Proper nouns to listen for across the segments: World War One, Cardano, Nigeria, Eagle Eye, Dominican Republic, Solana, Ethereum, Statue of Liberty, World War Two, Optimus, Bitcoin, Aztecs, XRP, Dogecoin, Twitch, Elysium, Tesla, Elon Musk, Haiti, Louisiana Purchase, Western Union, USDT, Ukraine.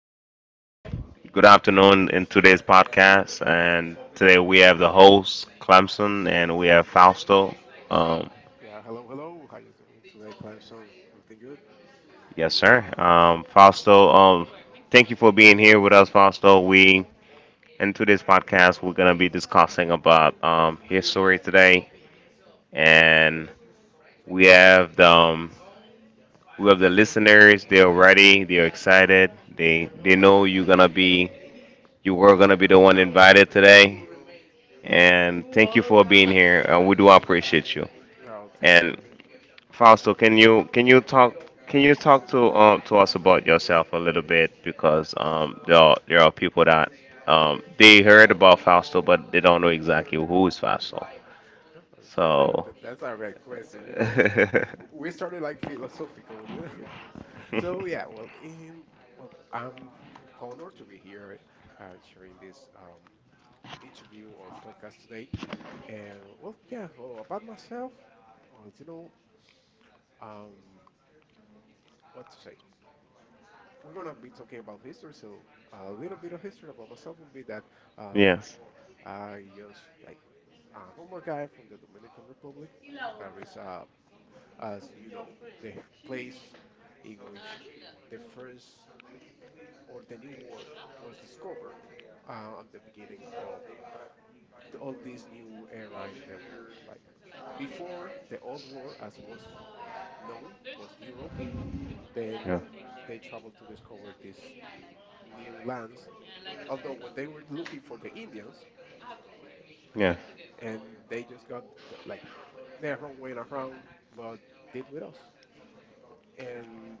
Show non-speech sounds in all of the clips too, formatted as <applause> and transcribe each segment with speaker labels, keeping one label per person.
Speaker 1: Good afternoon in today's podcast, and today we have the host Clemson, and we have Fausto. Um,
Speaker 2: Yeah. Hello. Hello. How you doing today, Clemson? Everything good?
Speaker 1: yes, sir. Fausto. Thank you for being here with us, Fausto. We In today's podcast we're gonna be discussing about history today, and we have the um, we have the listeners. They're ready. They're excited. They know you're gonna be you were gonna be the one invited today. And thank you for being here. We do appreciate you.
Speaker 2: Yeah. Oh, thank
Speaker 1: And
Speaker 2: you.
Speaker 1: Fausto, can you talk to us about yourself a little bit because there are people that they heard about Fausto but they don't know exactly who is Fausto.
Speaker 2: Oh, you know that,
Speaker 1: So
Speaker 2: that that's a right question. You know,
Speaker 1: <laughs>
Speaker 2: we started like philosophical. You know. <laughs> So yeah. Well, I'm honored to be here, uh, sharing this interview or podcast today. And well, yeah. Well, about myself. Well, you know, um, what to say? We're gonna be talking about history. So a little bit of history about myself would be that um.
Speaker 1: yes.
Speaker 2: I just like a normal guy from the Dominican Republic. There is, as you know, the place in which the first or the new world was discovered at the beginning of all this new era in the world. Like before, the old world, as was known, was Europe. Then
Speaker 1: Yeah.
Speaker 2: they traveled to discover these new lands. Although when they were looking for the Indians,
Speaker 1: Yeah.
Speaker 2: and they just got like their own way around, but did with us. And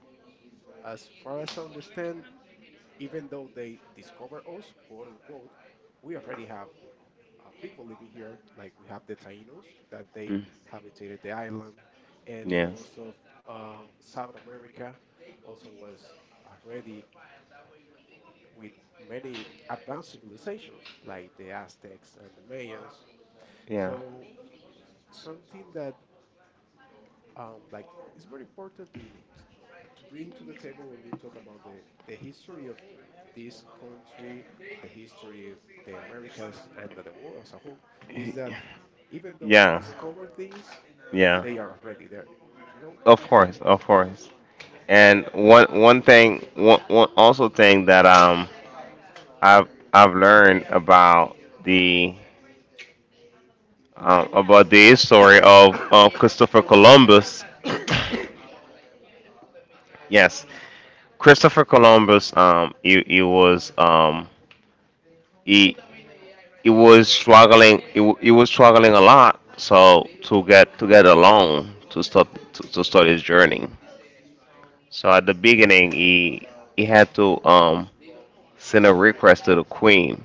Speaker 2: as far as I understand, even though they discover us, quote unquote, we already have people living here. Like we have the Taínos that they
Speaker 1: Mm.
Speaker 2: habitated the island, and in
Speaker 1: Yeah.
Speaker 2: most of South America, also was already with many advanced civilizations like the Aztecs and the Mayans.
Speaker 1: Yeah.
Speaker 2: So something that like it's very important to bring to the table when we talk about the history of this country, the history of the Americas and the world as a whole, is
Speaker 1: Y-
Speaker 2: that even though we
Speaker 1: Yeah.
Speaker 2: discover things,
Speaker 1: Yeah.
Speaker 2: they are already there. You know?
Speaker 1: Of course. Of course. And one also thing that I've learned the about the story of Christopher Columbus. Yes, Christopher Columbus. He was he it was struggling. It was struggling a lot. So to get a loan to start to start his journey. So at the beginning, he had to send a request to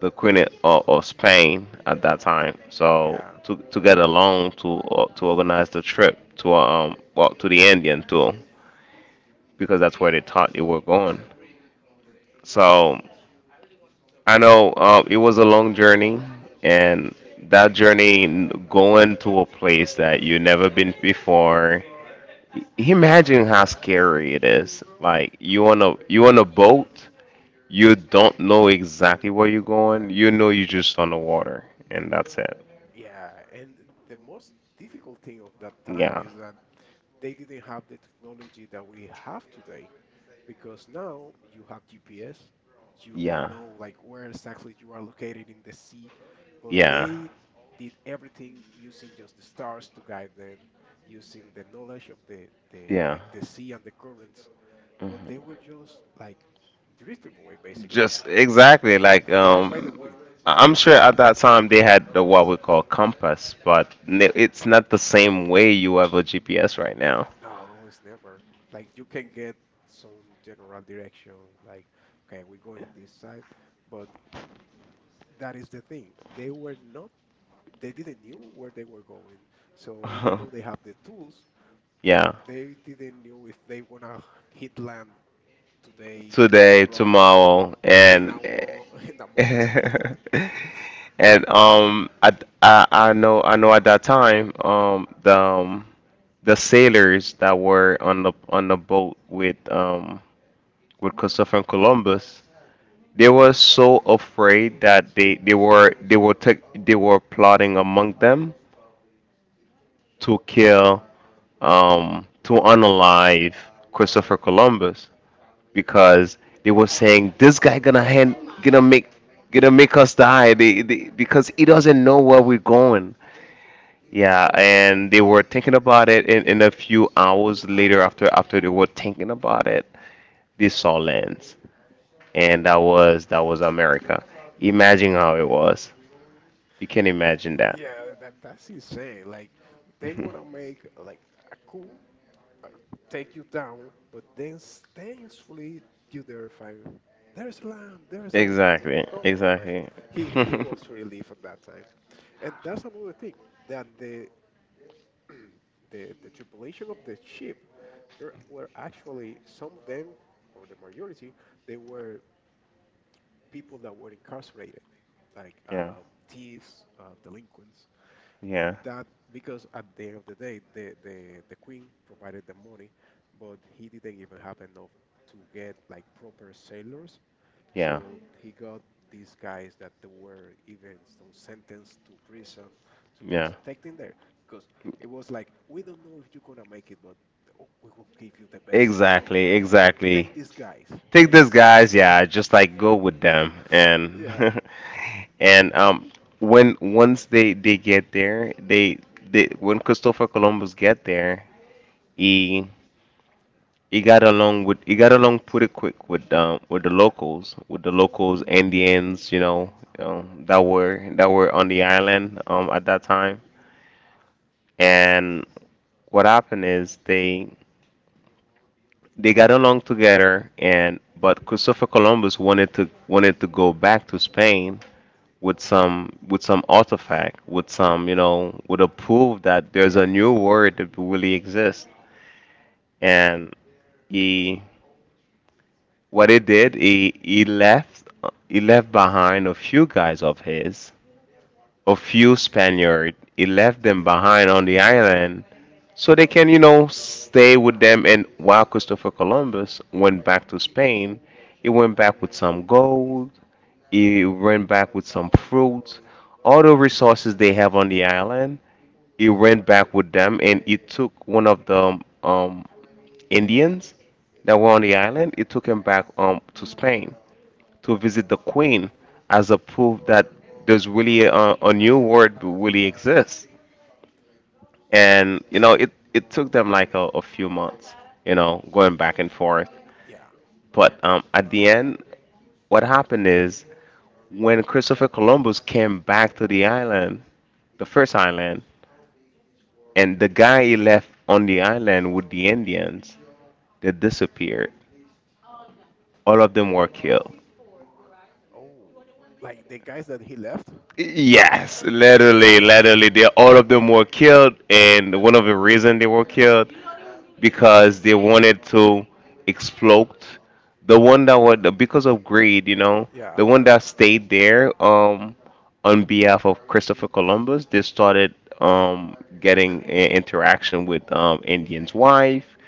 Speaker 1: the queen of
Speaker 2: Mhm.
Speaker 1: Spain at that time. So
Speaker 2: Yeah.
Speaker 1: to get a loan to organize the trip to well to the Indian too, because that's where they thought they were going.
Speaker 2: Mhm.
Speaker 1: So I know, it was a long journey, and that journey going to a place that you never been before. Imagine how scary it is. Like you on a boat, you don't know exactly where you're going. You know you're just on the water, and that's it.
Speaker 2: Yeah, and the most difficult thing of that time
Speaker 1: Yeah,
Speaker 2: is that they didn't have the technology that we have today, because now you have GPS. You
Speaker 1: yeah,
Speaker 2: know like where exactly you are located in the sea, but
Speaker 1: yeah,
Speaker 2: they did everything using just the stars to guide them, using the knowledge of the
Speaker 1: yeah.
Speaker 2: like the sea and the currents, but they
Speaker 1: Mhm.
Speaker 2: were just like drifting away basically,
Speaker 1: Just exactly like
Speaker 2: guided by the wind.
Speaker 1: I'm sure at that time they had the what we call compass, but it's not the same way you have a GPS right now.
Speaker 2: No, it's never like you can get some general direction, like okay, we go in this side, but that is the thing. They were not They didn't knew where they were going. So even though they have the
Speaker 1: <laughs>
Speaker 2: tools,
Speaker 1: Yeah.
Speaker 2: they didn't knew if they wanna hit land today,
Speaker 1: Today,
Speaker 2: tomorrow, or
Speaker 1: tomorrow,
Speaker 2: in
Speaker 1: and
Speaker 2: a <laughs> in a month.
Speaker 1: <laughs> and um, I know I know at that time the sailors that were on the boat with Christopher Columbus, they were so afraid that they were plotting among them to kill to unalive Christopher Columbus because they were saying this guy gonna hand gonna make gonna make us die because he doesn't know where we're going. Yeah,
Speaker 2: Yeah,
Speaker 1: and they were thinking about it, and in a few hours later, after they were thinking about it, they saw lands. And that was America. Imagine how it was. You can imagine that.
Speaker 2: that's insane. Like they wanna make
Speaker 1: <laughs>
Speaker 2: like a coup, uh, take you down, but then thankfully you there find there's land, there's a land.
Speaker 1: Exactly,
Speaker 2: Come on, man.
Speaker 1: exactly.
Speaker 2: He
Speaker 1: <laughs>
Speaker 2: was relieved at that time, and that's another thing that the <clears throat> the tripulation of the ship, there were actually some of them, or the majority, they were people that were incarcerated, like
Speaker 1: Yeah,
Speaker 2: thieves, delinquents.
Speaker 1: yeah,
Speaker 2: That because at the end of the day, the queen provided the money, but he didn't even have enough to get like proper sailors,
Speaker 1: yeah,
Speaker 2: so he got these guys that they were even some sentenced to prison to
Speaker 1: yeah.
Speaker 2: just take them there because it was like we don't know if you're gonna make it, but oh, we will give you the best. So
Speaker 1: Exactly, exactly.
Speaker 2: take
Speaker 1: guys.
Speaker 2: these guys,
Speaker 1: Take
Speaker 2: take
Speaker 1: these
Speaker 2: these
Speaker 1: guys,
Speaker 2: guys.
Speaker 1: yeah, just like go with them
Speaker 2: <laughs>
Speaker 1: and
Speaker 2: Yeah,
Speaker 1: <laughs> and when once they get there, they when Christopher Columbus get there, he got along pretty quick with the locals Indians, you know, that were on the island at that time, and what happened is they got along together, and but Christopher Columbus wanted to go back to Spain with some artifact, with some, you know, with a proof that there's a
Speaker 2: yeah,
Speaker 1: new world that really exists. And he what he did, he left behind a few guys of his, a few Spaniard. He left them behind on the island so they can, you know, stay with them. And while Christopher Columbus went back to Spain, he went back with some gold. He went back with some fruit, all the resources they have on the island. He went back with them, and he took one of the Indians that were on the island. He took him back, to Spain to visit the queen as a proof that there's really a new world really exists. And you know, it took them like a few months, you know, going back and forth.
Speaker 2: yeah.
Speaker 1: But at the end, what happened is when Christopher Columbus came back to the island, the first island, and the guy he left on the island with the Indians, they disappeared. All
Speaker 2: Oh,
Speaker 1: of them were killed.
Speaker 2: oh, like the guys that he left.
Speaker 1: Yes, literally, literally, they all of them were killed, and one of the reason they were killed because they wanted to explode the one that was because of greed, you know. Yeah.
Speaker 2: Yeah.
Speaker 1: The one that stayed there on behalf of Christopher Columbus, they started getting in interaction with Indian's wife,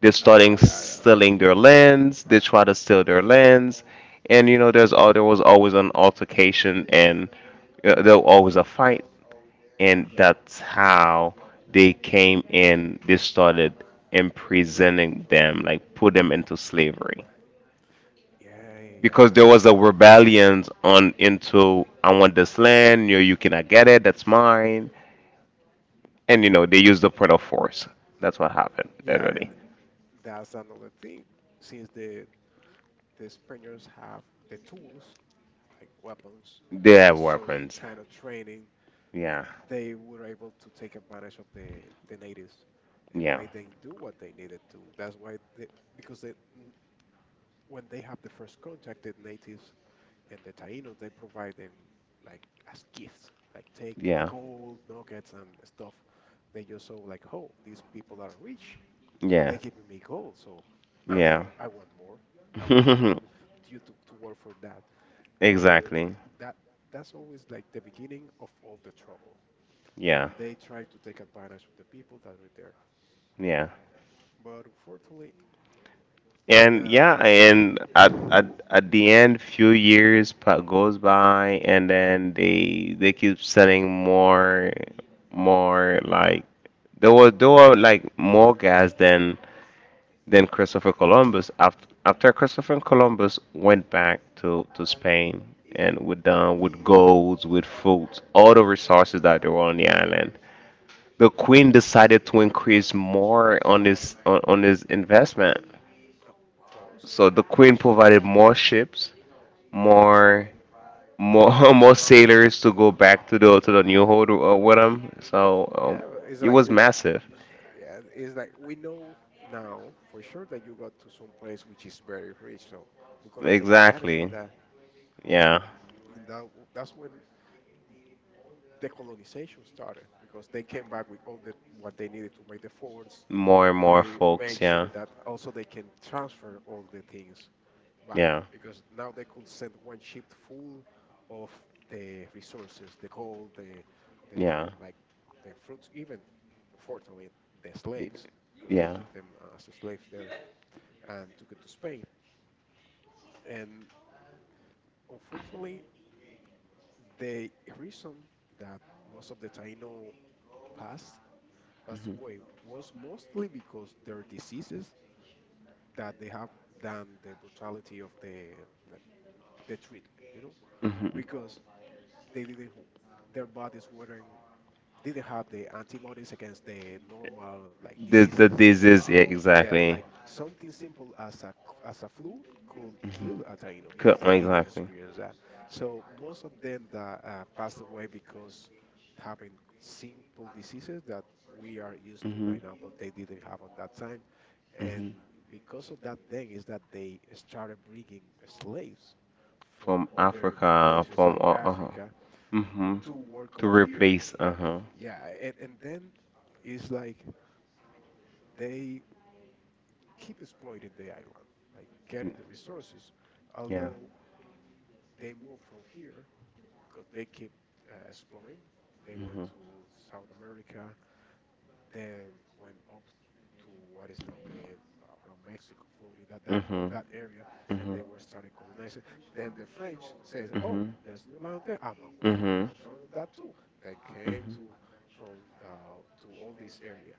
Speaker 1: they're
Speaker 2: Oh
Speaker 1: starting
Speaker 2: yeah, yeah.
Speaker 1: selling their lands. They try to sell their lands, and you know, there was always an altercation, and there was always a fight,
Speaker 2: Yeah.
Speaker 1: and that's how they came in. They started imprisoning them, like put them into slavery
Speaker 2: Yeah, yeah,
Speaker 1: because
Speaker 2: yeah.
Speaker 1: there was a rebellion on into I want this land, you cannot get it, that's mine. And you know, they used the point of force. That's what happened,
Speaker 2: Yeah, and
Speaker 1: literally.
Speaker 2: that's another thing. Since the Spaniards have the tools, like weapons
Speaker 1: They
Speaker 2: and
Speaker 1: have
Speaker 2: some
Speaker 1: weapons.
Speaker 2: kind of training,
Speaker 1: Yeah.
Speaker 2: they were able to take advantage of the natives and
Speaker 1: Yeah.
Speaker 2: made them do what they needed to. That's why they, because when they have the first contact, the natives and the Taínos they provide them like as gifts, like take the
Speaker 1: Yeah.
Speaker 2: gold nuggets and stuff. They just saw like, oh, these people are rich. They're
Speaker 1: Yeah.
Speaker 2: giving me gold, so I'm
Speaker 1: Yeah.
Speaker 2: out. I want more. I want to
Speaker 1: <laughs>
Speaker 2: you to work for that. But
Speaker 1: Exactly.
Speaker 2: that that's always like the beginning of all the trouble when
Speaker 1: Yeah.
Speaker 2: they try to take advantage of the people that are there.
Speaker 1: Yeah.
Speaker 2: But unfortunately,
Speaker 1: And
Speaker 2: that.
Speaker 1: yeah, and at, at the end, few years goes by, and then they keep selling more, more like there were like more guys than Christopher Columbus. After Christopher Columbus went back to Spain and with golds, with fruits, all the resources that there were on the island, the queen decided to increase more on on this investment.
Speaker 2: Of course.
Speaker 1: So the queen provided more ships,
Speaker 2: Yeah,
Speaker 1: more more <laughs> more sailors to go back to the new hold, with them. So
Speaker 2: yeah. It's
Speaker 1: it
Speaker 2: like,
Speaker 1: was massive.
Speaker 2: yeah, it's like we know now for sure that you got to some place which is very rich, so we're gonna take advantage of
Speaker 1: Exactly.
Speaker 2: that.
Speaker 1: Yeah.
Speaker 2: And that that's when decolonization started because they came back with all the what they needed to make the forts,
Speaker 1: More and more
Speaker 2: make make
Speaker 1: folks. Yeah.
Speaker 2: sure that also they can transfer all the things back
Speaker 1: Yeah.
Speaker 2: because now they could send one ship full of the resources, the gold, the
Speaker 1: Yeah.
Speaker 2: like the fruits, even fortunately the slaves because they
Speaker 1: Yeah.
Speaker 2: took them as slaves there and took it to Spain. And unfortunately, the reason that most of the Taino passed passed
Speaker 1: Hmm.
Speaker 2: away was mostly because their diseases that they have than the brutality of the the, the, treatment, you know,
Speaker 1: Hmm.
Speaker 2: because they didn't their bodies weren't didn't have the antibodies against the normal like
Speaker 1: This the
Speaker 2: diseases.
Speaker 1: this is yeah,
Speaker 2: Yeah,
Speaker 1: exactly.
Speaker 2: like something simple as a as a flu could
Speaker 1: Mhm.
Speaker 2: kill a Taino because they didn't
Speaker 1: Exactly.
Speaker 2: experience that. So most of them that passed away because having simple diseases that we are used to
Speaker 1: Hmm.
Speaker 2: right now, but they didn't have on that time. And
Speaker 1: Hmm.
Speaker 2: because of that, then is that they started bringing slaves from
Speaker 1: From
Speaker 2: other
Speaker 1: Africa,
Speaker 2: countries
Speaker 1: from
Speaker 2: like
Speaker 1: uh huh.
Speaker 2: Africa
Speaker 1: Hmm.
Speaker 2: to work
Speaker 1: To
Speaker 2: on here.
Speaker 1: replace uh huh.
Speaker 2: Yeah, and then it's like they keep exploiting the island, like getting the resources,
Speaker 1: Yeah.
Speaker 2: although they move from here because they keep exploring. They
Speaker 1: Hmm.
Speaker 2: went
Speaker 1: Hmm.
Speaker 2: to South America, then went up to what is now the around Mexico, Florida, that, that
Speaker 1: Hmm.
Speaker 2: all that area, and
Speaker 1: Hmm.
Speaker 2: they were starting colonizing. Then the French says, "Oh, there's new land there. I'm gonna want
Speaker 1: Hmm.
Speaker 2: that.
Speaker 1: Hmm.
Speaker 2: Want some of that too." Then came to from to all this area.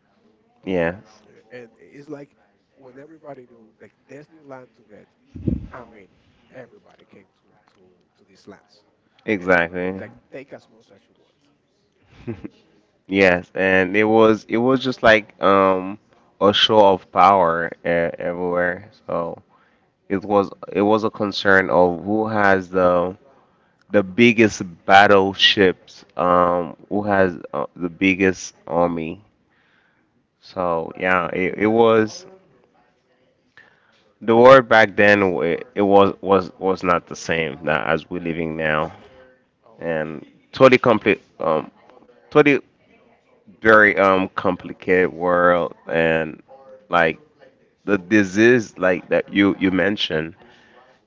Speaker 1: Yes.
Speaker 2: And it's like when everybody knew like there's new land to get. I mean, everybody came to to these lands, and
Speaker 1: Exactly.
Speaker 2: like take as much as you want.
Speaker 1: <laughs> Yes, and it was just like a show of power e everywhere. So it was a concern of who has the biggest
Speaker 2: Oh
Speaker 1: battleships, who has the biggest army.
Speaker 2: yeah.
Speaker 1: So yeah, it was the world back then. It was was not the same now as we're living now,
Speaker 2: Oh, oh no,
Speaker 1: and totally complete totally very complicated world, and like the disease like that you mentioned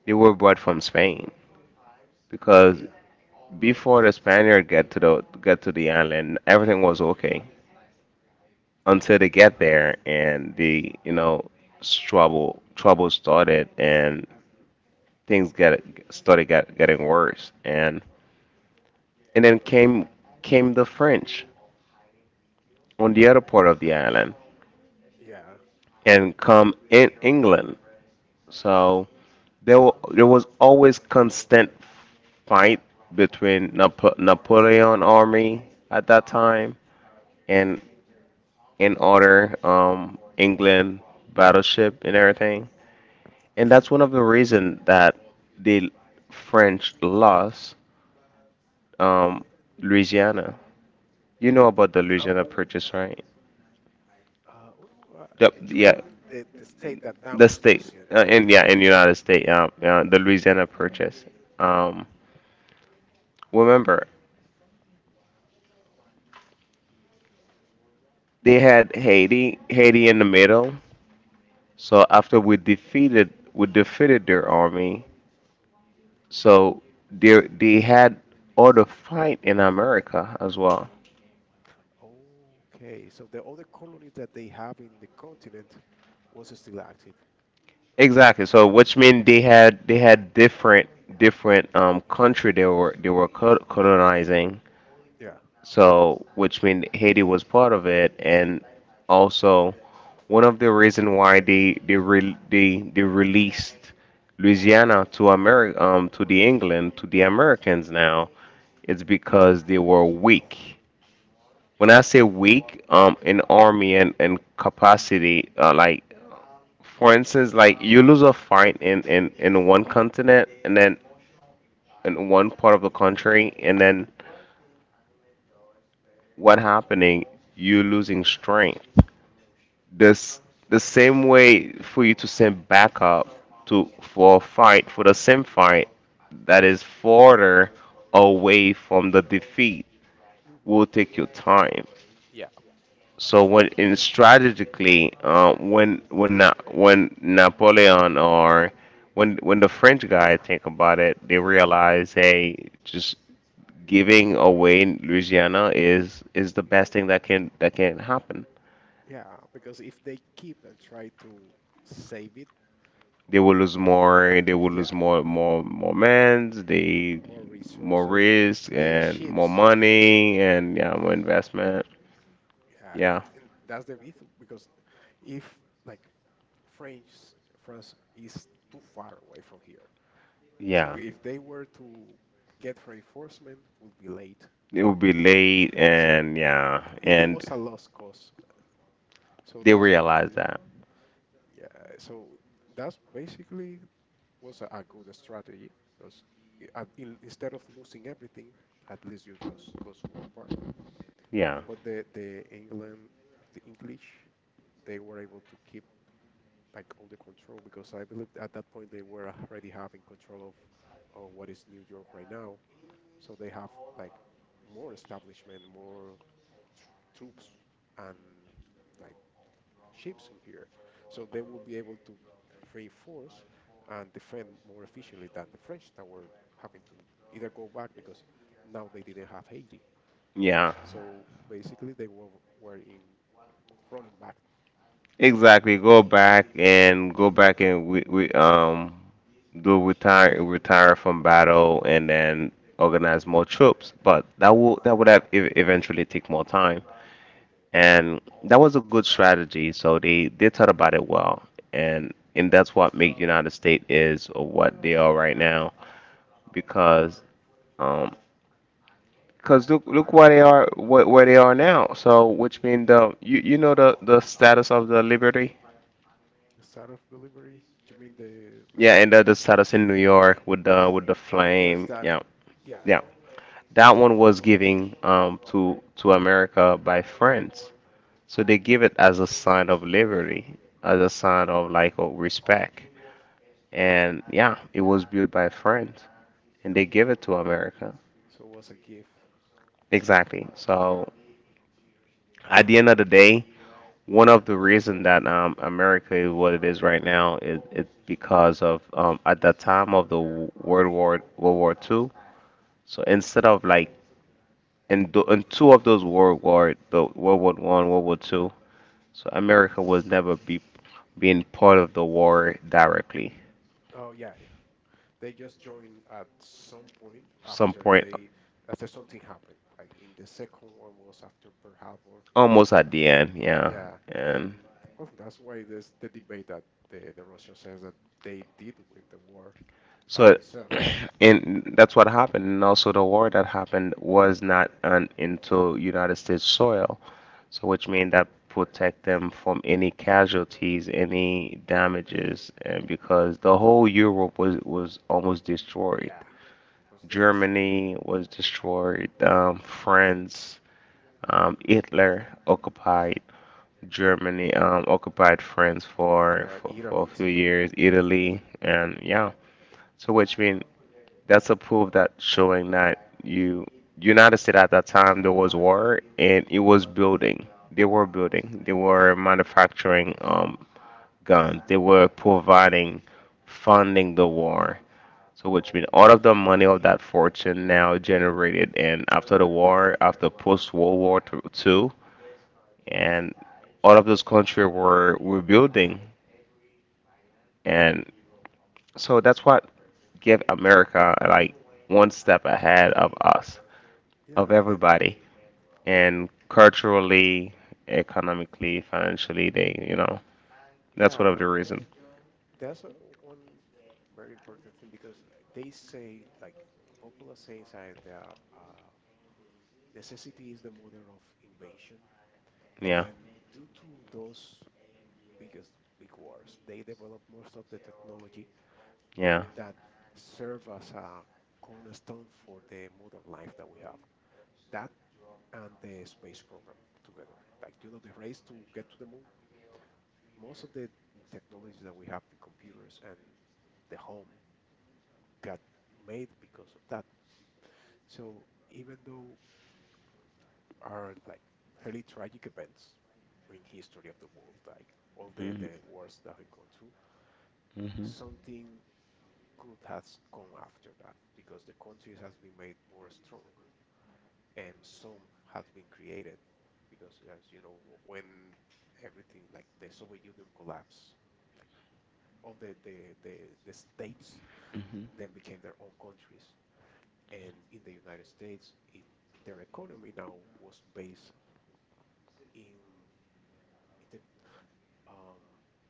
Speaker 1: they were brought from Spain,
Speaker 2: no.
Speaker 1: because
Speaker 2: Yeah.
Speaker 1: before the Spaniard get to the island, everything was okay until they get there, and the you know trouble started, and
Speaker 2: Hmm.
Speaker 1: things get started getting worse, and then came the French on the other part of the island,
Speaker 2: Yeah.
Speaker 1: and come in England. So there, there was always constant fight between Napoleon army at that time, and other, England battleship and everything. And that's one of the reason that the French lost, um, Louisiana. You know about the Louisiana
Speaker 2: Oh,
Speaker 1: Purchase, right?
Speaker 2: Uruguay.
Speaker 1: Yep,
Speaker 2: You mean
Speaker 1: yeah,
Speaker 2: the state that now
Speaker 1: the
Speaker 2: is
Speaker 1: state,
Speaker 2: Louisiana?
Speaker 1: in yeah, in the United States, yeah, the Louisiana Purchase. Um, remember, they had Haiti, Haiti in the middle. So after we defeated their army, so they had other fight in America as well.
Speaker 2: Okay, so the other colony that they have in the continent was still active.
Speaker 1: Exactly. So which means they had different different country they were colonizing.
Speaker 2: Yeah.
Speaker 1: So which means Haiti was part of it, and also one of the reason why they re- they released Louisiana to America to the England to the Americans now, it's because they were weak. When
Speaker 2: Yeah.
Speaker 1: I say weak, in army and capacity, like
Speaker 2: Yeah.
Speaker 1: for instance, like you lose a fight in in one continent, and then in one part of the country, and then what happening? You losing strength. This the same way for you to send backup to for a fight for the same fight that is further away from the defeat
Speaker 2: Mhm.
Speaker 1: will take your time. So when in strategically, when when Napoleon, or when the French guy think about it, they realize, hey, just giving away Louisiana is the best thing that can happen.
Speaker 2: Yeah, because if they keep and try to save it
Speaker 1: They will
Speaker 2: or
Speaker 1: lose more. They will lose
Speaker 2: yeah,
Speaker 1: more mans. They
Speaker 2: more
Speaker 1: more
Speaker 2: resources,
Speaker 1: risk
Speaker 2: the
Speaker 1: and more
Speaker 2: ships,
Speaker 1: money, and yeah, more investment.
Speaker 2: yeah,
Speaker 1: Yeah,
Speaker 2: and that's the issue because if like France, France is too far away from here. So
Speaker 1: yeah.
Speaker 2: if they were to get reinforcement, would be late to
Speaker 1: It will be
Speaker 2: be able.
Speaker 1: late,
Speaker 2: So
Speaker 1: and yeah,
Speaker 2: it
Speaker 1: and.
Speaker 2: was a lost cause. So
Speaker 1: They
Speaker 2: that was
Speaker 1: realize that.
Speaker 2: yeah. So that's basically was a good strategy because instead of losing everything, at least you just lose one part.
Speaker 1: Yeah.
Speaker 2: But the England, the English, they were able to keep like all the control because I believe at that point they were already having control of what is New York right now. So they have like more establishment, more tr troops, and like ships in here. So they will be able to reinforce and defend more efficiently than the French that were having to either go back because now they didn't have Haiti.
Speaker 1: Yeah.
Speaker 2: So basically, were in running back.
Speaker 1: Exactly. Go back and go back, and we do retire from battle, and then organize more troops. But that will that would have eventually take more time.
Speaker 2: Mhm.
Speaker 1: And that was a good strategy. So they thought about it well. And that's what make United States is or what they are right now,
Speaker 2: Uh,
Speaker 1: because um cause look, look where they are, where they are now. So, which means the you, you know the status of the Liberty.
Speaker 2: the start of delivery? Do you mean the like?
Speaker 1: Yeah, and the status in New York with the
Speaker 2: Oh yes,
Speaker 1: flame.
Speaker 2: that.
Speaker 1: Yeah,
Speaker 2: Yeah,
Speaker 1: yeah.
Speaker 2: yeah.
Speaker 1: That one was giving to America by France. So they give it as a sign of liberty, as a sign of like of respect. And yeah, it was built by France, and they give
Speaker 2: Oh,
Speaker 1: it to
Speaker 2: okay.
Speaker 1: America.
Speaker 2: So it was a gift.
Speaker 1: Exactly. So at the end of the day. One of the reason that America is what it is right now is it's because of at that time of the World War Two. So instead of like in, in two of those World War, the World War One, World War Two, so America was never be being part of the war directly.
Speaker 2: Oh yeah, they just joined at some point
Speaker 1: Some
Speaker 2: after
Speaker 1: point
Speaker 2: they after something happened. Like in the second one was after Pearl Harbor.
Speaker 1: almost at the end, yeah,
Speaker 2: Yeah, and
Speaker 1: and.
Speaker 2: well, that's why there's the debate that the Russian says that they did win the war by
Speaker 1: So
Speaker 2: themselves, but
Speaker 1: and that's what happened, and also the war that happened was not on into United States soil. So which mean that protect them from any casualties, any damages, and because the whole Europe was almost destroyed.
Speaker 2: yeah, it was devastating.
Speaker 1: Germany was destroyed. France,
Speaker 2: Mhm.
Speaker 1: Hitler occupied Germany, occupied France
Speaker 2: Yeah,
Speaker 1: for a
Speaker 2: Italy
Speaker 1: few
Speaker 2: too.
Speaker 1: years. Italy, and yeah. So which mean that's a proof that showing that you United States at that time there was war and it was building. They were building. They were manufacturing guns.
Speaker 2: Hmm.
Speaker 1: They were providing funding the war. So which means all of the money of that fortune now generated and after the war, after post World War Two, and all of those countries were rebuilding, and so that's what gave America like one step ahead of us,
Speaker 2: Yeah,
Speaker 1: of
Speaker 2: and,
Speaker 1: everybody.
Speaker 2: and
Speaker 1: And culturally, economically, financially, they, that's one of
Speaker 2: yeah.
Speaker 1: the reason.
Speaker 2: That's a- One very important thing because they say, like a popular saying, is that necessity is the mother of invention.
Speaker 1: Yeah,
Speaker 2: And due to those biggest big wars, they develop most of the technology
Speaker 1: yeah.
Speaker 2: that serve as a cornerstone for the modern life that we have. That and the space program together. Like, you know, the race to get to the moon. Most of the technologies that we have in computers and the home got made because of that. So even though are like really tragic events in history of the world, like all
Speaker 1: Hmm.
Speaker 2: the wars that have gone through,
Speaker 1: Hmm.
Speaker 2: something could has come after that because the country has been made more strong and some has been created because as you know when everything like the Soviet Union collapsed, like all the, the states then became their own countries. And in the United States, their economy now was based in the, um,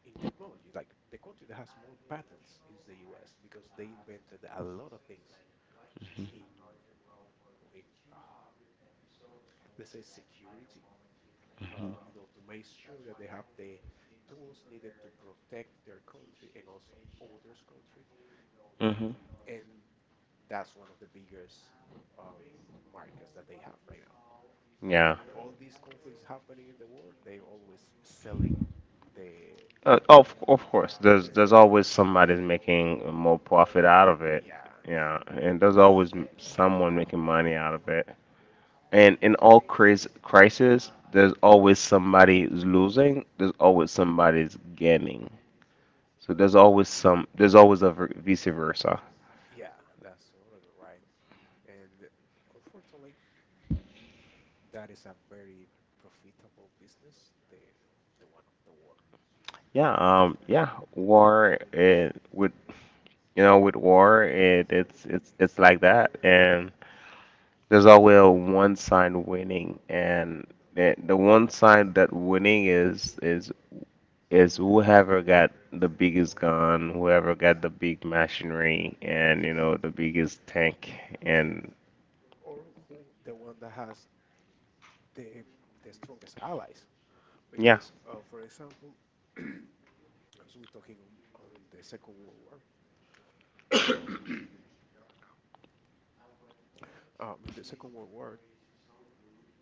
Speaker 2: in technology. Like the country that has more patents is the U.S. because they invented a lot of things in in uh, let's say security.
Speaker 1: Hmm.
Speaker 2: You know, to make sure that they have the tools needed to protect their country and also others' country.
Speaker 1: Hmm.
Speaker 2: And that's one of the biggest um, markets that they have right now. Like
Speaker 1: Yeah.
Speaker 2: all these conflicts happening in the world, they always selling the
Speaker 1: Of course, there's
Speaker 2: things
Speaker 1: there's
Speaker 2: they need.
Speaker 1: always somebody's making more profit out of it.
Speaker 2: Yeah,
Speaker 1: Yeah, and there's always someone making money out of it. And in all crisis, there's always somebody who's losing. There's always somebody's gaining. So there's always some. There's always a
Speaker 2: <laughs>
Speaker 1: vice versa.
Speaker 2: yeah, that's totally right. And unfortunately, that is a very profitable business, the one of the war.
Speaker 1: Yeah, yeah, war it with with war it it's like that, and there's always one side winning, and the one side that winning is whoever got the biggest gun, whoever
Speaker 2: Yeah,
Speaker 1: got the big machinery, and the biggest tank
Speaker 2: yeah.
Speaker 1: and
Speaker 2: Or who the one that has the strongest allies?
Speaker 1: yeah.
Speaker 2: Because, for example, <clears throat> because we're talking on the Second World War. In the Second World War,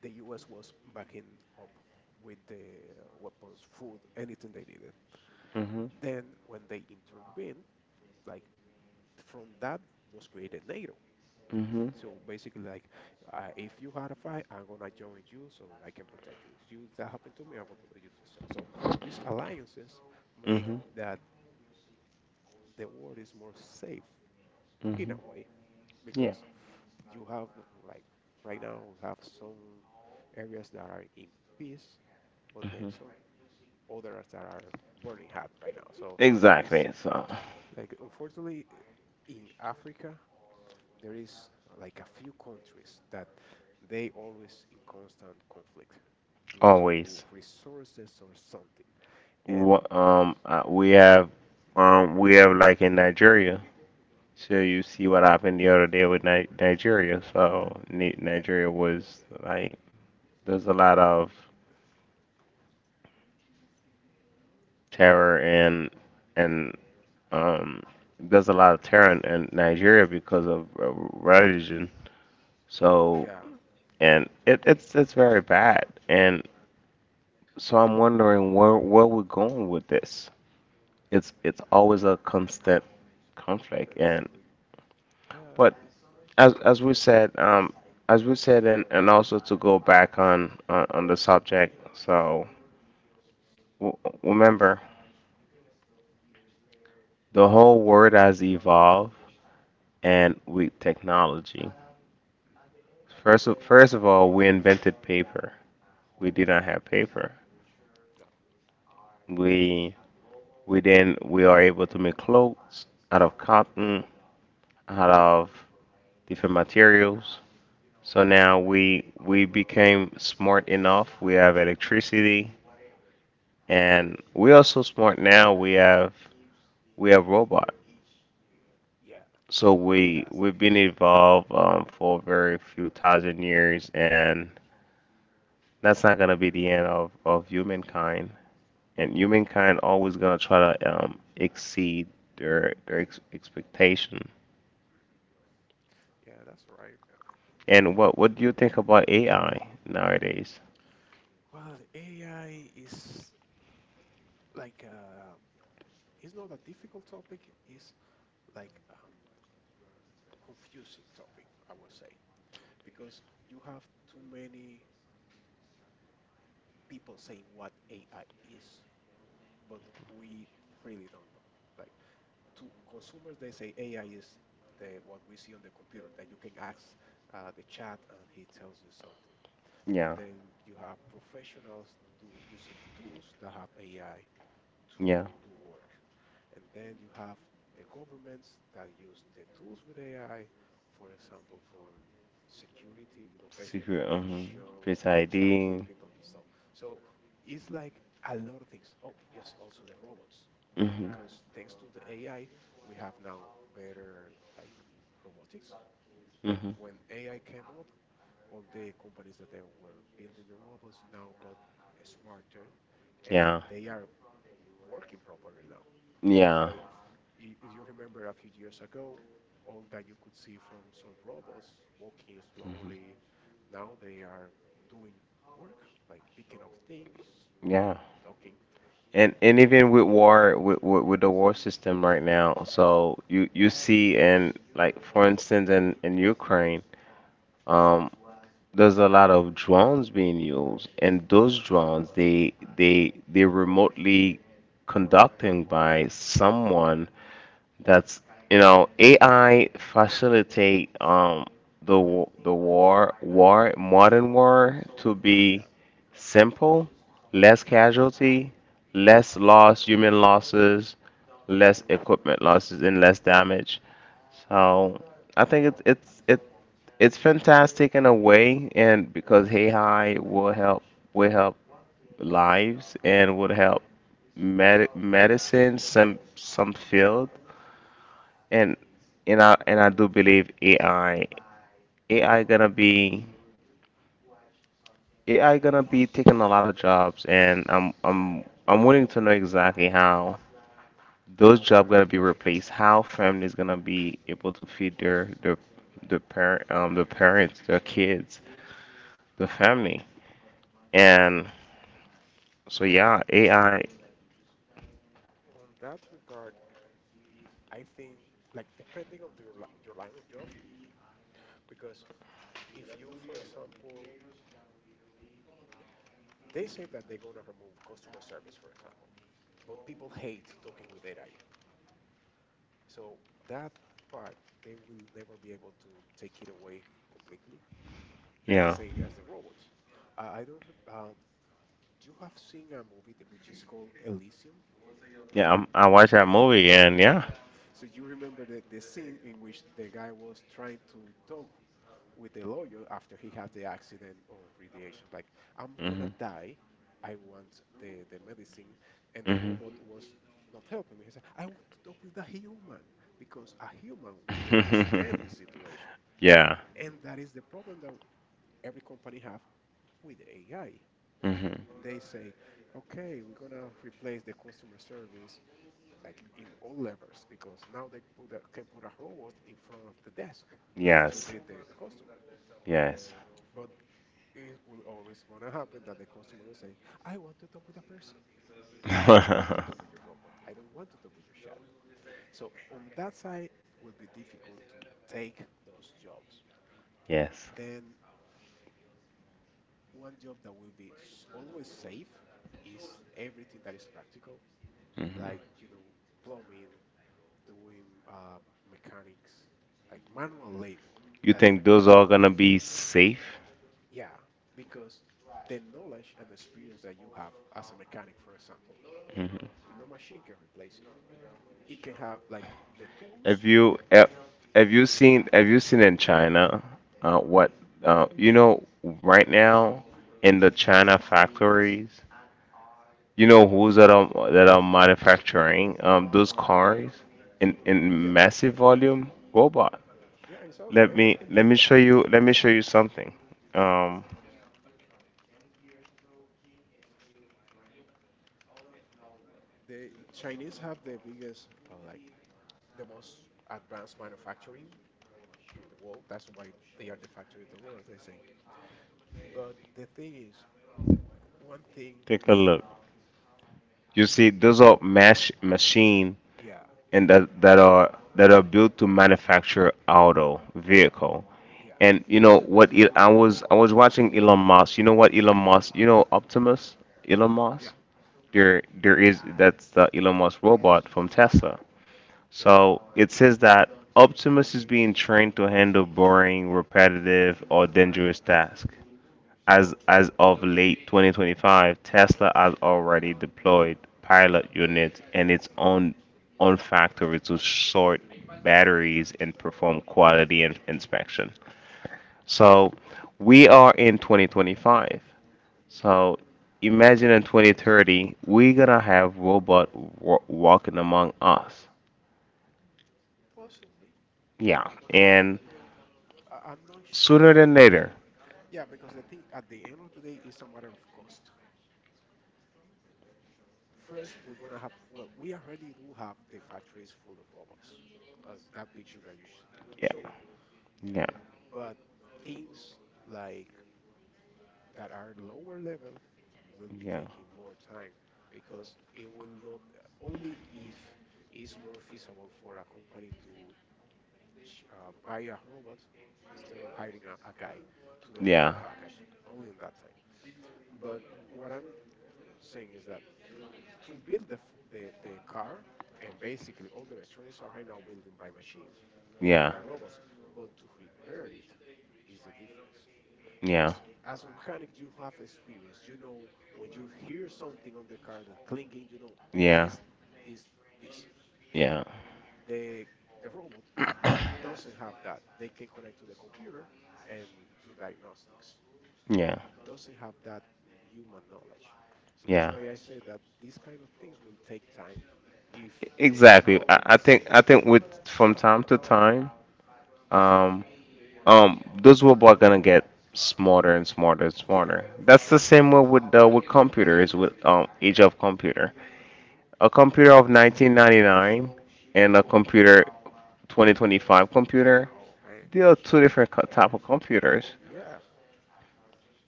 Speaker 2: the U.S. was backing up with the weapons, food, anything they needed.
Speaker 1: Mhm.
Speaker 2: Then, when they intervened, like from that was created NATO.
Speaker 1: Mhm.
Speaker 2: So basically, if you had a fight, I'm gonna join you so I can protect you. If you that happened to me, I will let you protect. So these alliances make
Speaker 1: Mhm.
Speaker 2: that the world is more safe in
Speaker 1: Mhm.
Speaker 2: a way
Speaker 1: Yeah.
Speaker 2: because you have like right now we have some areas that are in peace, but then
Speaker 1: Mhm.
Speaker 2: some others that are burning hot right now. So this
Speaker 1: Exactly. So
Speaker 2: like unfortunately in Africa there is like a few countries that they always in constant conflict due to
Speaker 1: always.
Speaker 2: resources or something. And
Speaker 1: What, we have like in Nigeria. So you see what happened the other day with Ni Nigeria. So Ni
Speaker 2: uh,
Speaker 1: Nigeria was like there's a lot of terror and and um there's a lot of terror in Nigeria because of religion. So
Speaker 2: yeah,
Speaker 1: and it's very bad. And so I'm wondering where we're going with this. It's always a constant conflict
Speaker 2: the
Speaker 1: and
Speaker 2: conflict. Yeah, mhm,
Speaker 1: but as we said, and also to go back on the subject. So w- remember, the whole world has evolved, and with technology. First of all, we invented paper. We did not have paper.
Speaker 2: no,
Speaker 1: We we then we are able to make clothes out of cotton, out of different materials. So now we became smart enough. We have electricity, and we are so smart now. We have robot.
Speaker 2: yeah,
Speaker 1: So we
Speaker 2: that's the
Speaker 1: we've been
Speaker 2: future.
Speaker 1: evolved for very few thousand years, and that's not gonna be the end of humankind. And humankind always gonna try to exceed their expectation.
Speaker 2: Yeah, that's right.
Speaker 1: And what do you think about AI nowadays?
Speaker 2: Well, AI is like uh, it's not a difficult topic. It's like um, confusing topic, I would say, because you have too many people saying what AI is, but we really don't know. Like to consumers, they say AI is the what we see on the computer that you can ask the chat and he tells you something. But
Speaker 1: Yeah,
Speaker 2: then you have professionals do using tools that have AI to
Speaker 1: yeah,
Speaker 2: do work. And then you have the governments that use the tools with AI, for example, for security, you know, face
Speaker 1: secret, mhm.
Speaker 2: recognition,
Speaker 1: Face
Speaker 2: tracking
Speaker 1: ID,
Speaker 2: people and so. So it's like a lot of things. Oh, yes, also the robots,
Speaker 1: hmm,
Speaker 2: because thanks to the AI, we have now better like robotics. Like
Speaker 1: hmm,
Speaker 2: when AI came up, all the companies that they were building the robots now got smarter and
Speaker 1: yeah,
Speaker 2: they are working properly now.
Speaker 1: yeah,
Speaker 2: Uh, if you remember a few years ago, all that you could see from some robots walking
Speaker 1: hmm,
Speaker 2: slowly, now they are doing work, like picking up things,
Speaker 1: yeah.
Speaker 2: talking.
Speaker 1: And even with war with the war system right now, so you see in like for instance in Ukraine, um, there's a lot of drones being used, and those
Speaker 2: Yeah,
Speaker 1: drones they remotely conducting by someone that's AI facilitate the war war modern war to be
Speaker 2: yeah,
Speaker 1: simple, less casualty, less loss, human losses, less equipment losses, and less damage. So I think it's fantastic in a way, and because AI will help will help lives, and would help medicine, some
Speaker 2: yeah.
Speaker 1: fields, and and I do believe AI AI gonna be AI gonna be taking a lot of jobs, and I'm willing to know exactly how those jobs gonna be replaced, how families gonna be able to feed the parents, their kids, the family, and so yeah, AI,
Speaker 2: On that regard, I think like depending on your line of job, because if you, for example, they say that they're gonna remove customer service, for example, but people hate talking with AI. So that part, they will never be able to take it away completely. That's the
Speaker 1: yeah,
Speaker 2: same as the robots. I don't. Rem- you have seen a movie that, which is called Elysium.
Speaker 1: yeah, I watched that movie, and yeah.
Speaker 2: So you remember the scene in which the guy was trying to talk with the lawyer after he had the accident on radiation. Like, I'm gonna
Speaker 1: Mhm.
Speaker 2: die. I want the medicine, and the
Speaker 1: Mhm.
Speaker 2: robot was not helping me. He said, I want to talk with a human because a human would understand his situation.
Speaker 1: <laughs> Yeah.
Speaker 2: And that is the problem that every company have with AI.
Speaker 1: Hmm.
Speaker 2: They say, okay, we're gonna replace the customer service like in all levels because now they put a, can put a robot in front of the desk to
Speaker 1: Yes.
Speaker 2: greet the customers.
Speaker 1: Yes.
Speaker 2: But it will always going to happen that the customer will say, I want to talk with a person. I don't want to
Speaker 1: <laughs>
Speaker 2: talk with your robot. I don't want to talk with your chat. So on that side will be difficult to take those jobs.
Speaker 1: Yes.
Speaker 2: Then one job that will be always safe is everything that is practical,
Speaker 1: Hmm.
Speaker 2: like you know, plumbing, doing mechanics, like manual labor
Speaker 1: You
Speaker 2: that
Speaker 1: think those
Speaker 2: requires
Speaker 1: are gonna
Speaker 2: knowledge.
Speaker 1: be safe?
Speaker 2: Yeah, because the knowledge and experience that you have as a mechanic, for example,
Speaker 1: Hmm.
Speaker 2: no machine can replace it. It can have like the tools.
Speaker 1: Have you have, have you seen in China, what, right now in the China factories? You know who's that are manufacturing those cars in
Speaker 2: Yeah,
Speaker 1: in massive volume? Robot.
Speaker 2: yeah, it's automated.
Speaker 1: Let me show you let me show you something. Um,
Speaker 2: The Chinese have the biggest, like the most advanced manufacturing in the world. That's why they are the factory of the world, they say. But the thing is, one thing,
Speaker 1: take a look. You see, those are mash machine,
Speaker 2: yeah,
Speaker 1: and that are built to manufacture auto vehicle.
Speaker 2: yeah,
Speaker 1: And you know what? I was watching Elon Musk. You know what Elon Musk? You know Optimus? Elon
Speaker 2: yeah,
Speaker 1: Musk?
Speaker 2: mhm,
Speaker 1: There is that's the Elon Musk robot from Tesla.
Speaker 2: yeah,
Speaker 1: So it says that Optimus is being trained to handle boring, repetitive, or dangerous tasks. As of late 2025, Tesla has already deployed pilot units in its own factory to sort batteries and perform quality inspection. So we are in 2025. So imagine in 2030, we're gonna have robot walking among us.
Speaker 2: possibly.
Speaker 1: Yeah,
Speaker 2: But
Speaker 1: and
Speaker 2: I'm not
Speaker 1: sooner than later.
Speaker 2: 100%. Yeah, because the thing at the end of the day is a matter of cost. First, we're gonna have, well, we already do have the factories full of robots, as that picture that you show.
Speaker 1: Yeah, showed. Yeah.
Speaker 2: But things like that are lower level will
Speaker 1: We.
Speaker 2: be
Speaker 1: Yeah.
Speaker 2: taking
Speaker 1: Uh,
Speaker 2: more time because it will not only if it's more feasible for a company to buy a robot instead of hiring a guy to
Speaker 1: the.
Speaker 2: deliver
Speaker 1: Yeah.
Speaker 2: a package, only in that time. But what I'm saying is that to build the car, and basically all the electronics are right now building by machines,
Speaker 1: We. Yeah,
Speaker 2: by robots, but to repair it is the difference.
Speaker 1: already. Yeah, yeah,
Speaker 2: Because
Speaker 1: exist.
Speaker 2: as a mechanic, you have experience. You know when you hear something on the car, the clinking, you know
Speaker 1: Yeah,
Speaker 2: that
Speaker 1: yeah.
Speaker 2: is
Speaker 1: So
Speaker 2: this piece. The the robot doesn't have that. They can connect to the computer and do diagnostics but doesn't have that human knowledge.
Speaker 1: that's.
Speaker 2: So that's
Speaker 1: Yeah. Why?
Speaker 2: why I say that these kind of things will take time if
Speaker 1: We. Exactly.
Speaker 2: none
Speaker 1: I
Speaker 2: will be
Speaker 1: already think
Speaker 2: saved.
Speaker 1: I exist, think with from time to time,
Speaker 2: Yeah,
Speaker 1: um, those robots are gonna get smarter and smarter and
Speaker 2: yeah,
Speaker 1: smarter.
Speaker 2: yeah, for
Speaker 1: That's the
Speaker 2: sure.
Speaker 1: same way with computers, with age of computer.
Speaker 2: Hmm.
Speaker 1: A computer of 1999 and a computer 2025 computer,
Speaker 2: Oh man,
Speaker 1: they are two different type of computers.
Speaker 2: yeah,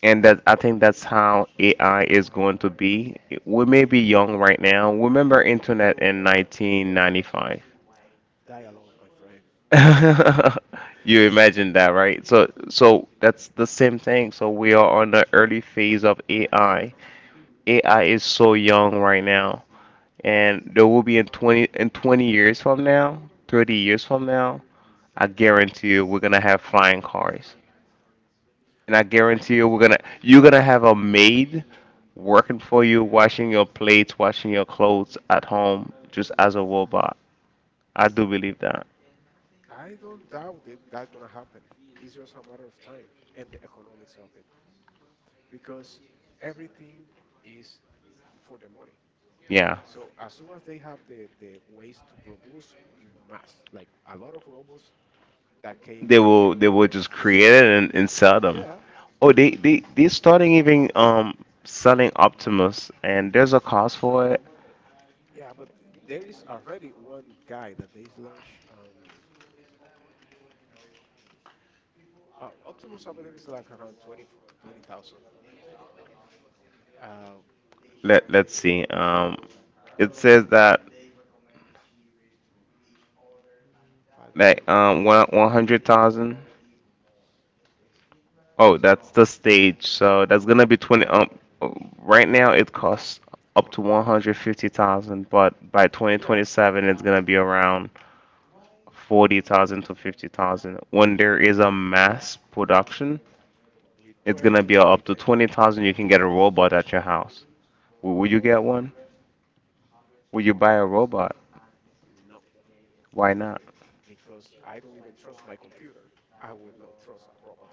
Speaker 1: And that I think that's how AI is going to be. We may be young right now. Remember internet in 1995.
Speaker 2: dialogue, my friend.
Speaker 1: <laughs>
Speaker 2: <laughs>
Speaker 1: You
Speaker 2: It's
Speaker 1: imagine
Speaker 2: l-
Speaker 1: that, right? So that's the same thing. So we are on the early phase of AI.
Speaker 2: Mhm.
Speaker 1: AI is so young right now, and there will be in 20 years from now, 30 years from now. I guarantee you we're gonna have flying cars. And I guarantee you we're gonna you're gonna have a maid working for you, washing your plates, washing your clothes at home, just as a robot. I do believe that.
Speaker 2: I don't doubt that that's gonna happen. It's just a matter of time and the economics of it, because everything is for the money.
Speaker 1: Yeah.
Speaker 2: So as soon as they have the ways to produce in mass, like a lot of robots that can they can
Speaker 1: They will
Speaker 2: either
Speaker 1: just create
Speaker 2: sell.
Speaker 1: it, and sell them.
Speaker 2: Yeah,
Speaker 1: Oh, they starting even selling Optimus, and there's a cost for it.
Speaker 2: yeah, but there is already one guy that they launch. Optimus, I believe, is like around 20, 20,000. Uh, mm,
Speaker 1: Let's see. It says that
Speaker 2: pilots, they
Speaker 1: like
Speaker 2: one of the fifth.
Speaker 1: one hundred thousand. Oh, that's the stage. So that's gonna be 20. Right now it costs up to
Speaker 2: Uh-huh.
Speaker 1: 150,000, but by twenty
Speaker 2: Yeah,
Speaker 1: twenty seven it's gonna be around 40,000 to 50,000. When there is a mass production.
Speaker 2: with
Speaker 1: It's
Speaker 2: 20
Speaker 1: gonna
Speaker 2: to
Speaker 1: be up to
Speaker 2: 30K.
Speaker 1: 20,000. You can get a robot at your house. Would you get one? Would you buy a robot?
Speaker 2: No,
Speaker 1: Why not?
Speaker 2: because I don't even trust my computer. I would not trust a robot.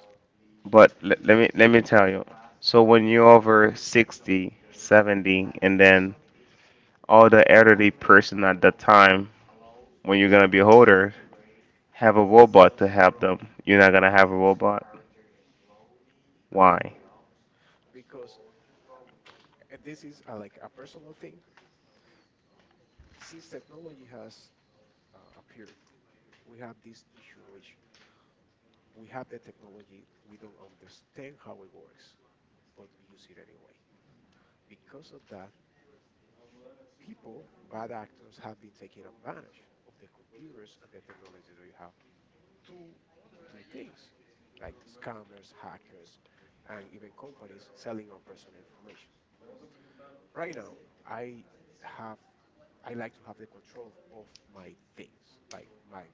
Speaker 1: But let me tell you. So when you're over 60, 70, and then all the elderly person at the time when you're gonna be older have a robot to help them. You're not gonna have a robot.
Speaker 2: I
Speaker 1: Why?
Speaker 2: would, because and this is like a personal thing. Since technology has appeared, we have this issue in which we have the technology, we don't understand how it works, but use it anyway. Because of that, people, bad actors, have been taking advantage of the computers and the technology that we have, to do things like scammers, hackers, and even companies selling our personal information. Right now, I have I like to have the control of my things, like my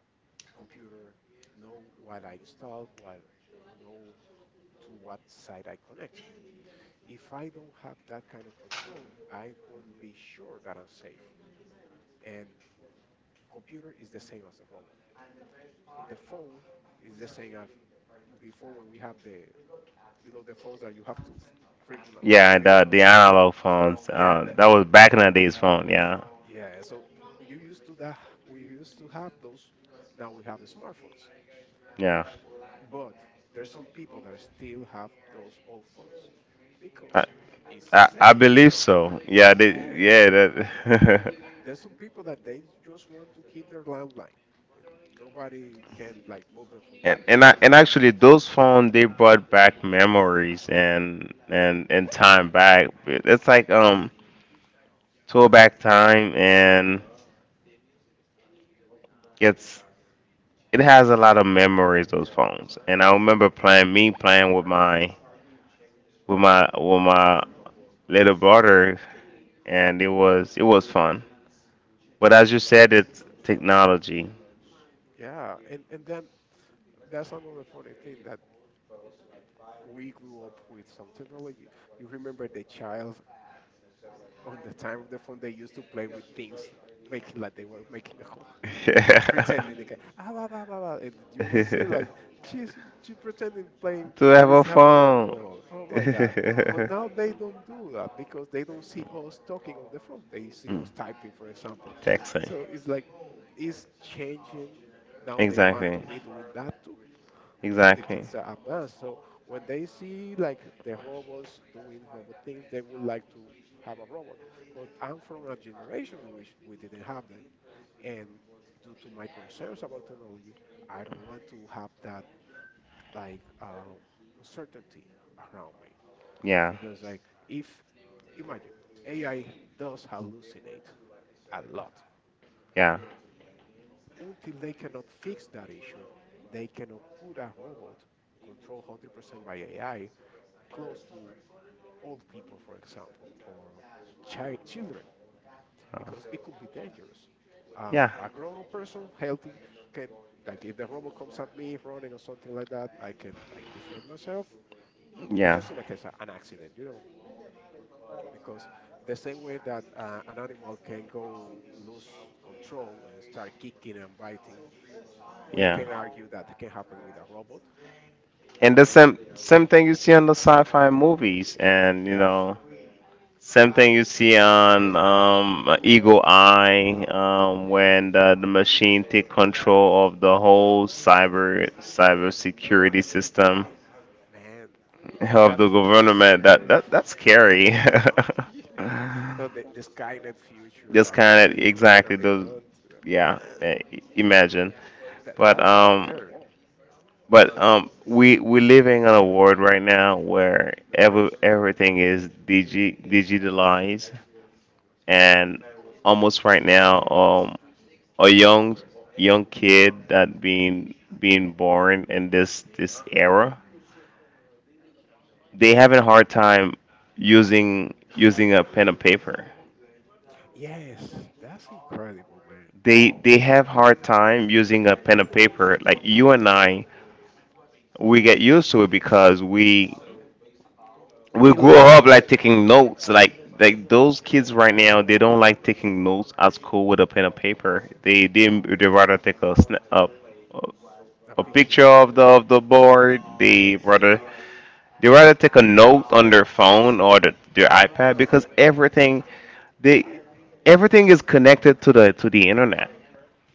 Speaker 2: computer, know what I install, what know to what site I connect. If I don't have that kind of control, I wouldn't be sure that I'm safe. And computer is the same as the robot. The phone is the same as before when we have the you know the phones that you have to crank on a
Speaker 1: Yeah,
Speaker 2: wheel.
Speaker 1: the analog phones.
Speaker 2: Yeah, that
Speaker 1: That was back in the days phone. Yeah,
Speaker 2: yeah. So you used to that we used to have those. Now we have the smartphones,
Speaker 1: yeah.
Speaker 2: but there's some people that still have those old phones
Speaker 1: I,
Speaker 2: because it's
Speaker 1: I
Speaker 2: safe. You
Speaker 1: believe
Speaker 2: know,
Speaker 1: so. Yeah, they,
Speaker 2: yeah.
Speaker 1: yeah. That. <laughs>
Speaker 2: There's some people that they just want to keep their landline, and nobody can like move them from
Speaker 1: And
Speaker 2: that.
Speaker 1: and I, and actually those phones, they brought back memories and
Speaker 2: Yeah,
Speaker 1: and and time back. It's like tour back time, and it's it has a lot of memories those phones. And I remember playing me playing with my little brother, and it was fun. But as you said, it's technology.
Speaker 2: yeah, and then that's another funny thing that we grew up with some technology. You remember the child on the time of the phone, they used to play with things, making like they were making a hole, <laughs> pretending they
Speaker 1: <laughs>
Speaker 2: can, ah, blah, blah, blah, blah," and you will see
Speaker 1: to
Speaker 2: like she's she's pretending playing
Speaker 1: have
Speaker 2: that is
Speaker 1: a
Speaker 2: having a
Speaker 1: phone.
Speaker 2: call. Oh my God! But now
Speaker 1: <laughs>
Speaker 2: they don't do that because they don't see us talking on the phone. They see
Speaker 1: Mm.
Speaker 2: us typing, for
Speaker 1: It's.
Speaker 2: example.
Speaker 1: Texting.
Speaker 2: So it's
Speaker 1: So
Speaker 2: like
Speaker 1: like.
Speaker 2: it's changing. Now they want to
Speaker 1: Exactly.
Speaker 2: be doing that too
Speaker 1: It.
Speaker 2: the
Speaker 1: Exactly.
Speaker 2: kids
Speaker 1: Exactly.
Speaker 2: are advanced. So when they see like the robots doing robot things, they would like to have a robot. But I'm from a generation in which we didn't have them, and due to my concerns about technology, I don't want to have that like um, uncertainty around me
Speaker 1: Yeah.
Speaker 2: because like if imagine AI does hallucinate a lot.
Speaker 1: Yeah.
Speaker 2: Until they cannot fix that issue, they cannot put a robot controlled 100% by AI close to old people, for example, or children,
Speaker 1: Uh,
Speaker 2: because it could be dangerous.
Speaker 1: yeah.
Speaker 2: A grown-up person, healthy, can like if the robot comes at me running or something like that, I can like defend myself
Speaker 1: Yeah.
Speaker 2: just
Speaker 1: Person.
Speaker 2: in a case of an accident, you know. Because the same way that an animal can go lose control and start kicking and biting, we
Speaker 1: Yeah. Can
Speaker 2: can argue that can happen with a robot.
Speaker 1: argue. And the that. same thing you see on the sci-fi movies, and you
Speaker 2: Yeah,
Speaker 1: know. Same thing you see on
Speaker 2: man,
Speaker 1: Eagle Eye, when the machine take control of the whole cyber security system.
Speaker 2: man,
Speaker 1: <laughs> of
Speaker 2: that
Speaker 1: the
Speaker 2: future is
Speaker 1: government. That
Speaker 2: scary.
Speaker 1: that
Speaker 2: <laughs>
Speaker 1: that's scary. <laughs>
Speaker 2: Yeah. Oh, the Skynet future,
Speaker 1: Just
Speaker 2: like
Speaker 1: kind of
Speaker 2: we're gonna
Speaker 1: exactly
Speaker 2: be
Speaker 1: those.
Speaker 2: hunted.
Speaker 1: Yeah, eh, imagine.
Speaker 2: That
Speaker 1: But,
Speaker 2: that's scary.
Speaker 1: we living in a world right now where everything is digitalized, and almost right now, a young kid that being born in this era, they having a hard time using a pen and paper.
Speaker 2: Yes, that's incredible, man.
Speaker 1: They have hard time using a pen and paper. Like you and I, we get used to it because we
Speaker 2: We
Speaker 1: grew up
Speaker 2: learn
Speaker 1: like taking notes. Like those kids right now, they don't like taking notes at school with a pen and paper. They rather take a snap up.
Speaker 2: a
Speaker 1: A
Speaker 2: picture.
Speaker 1: picture of the board. They rather take a note on their phone or their iPad because they everything is connected to the internet.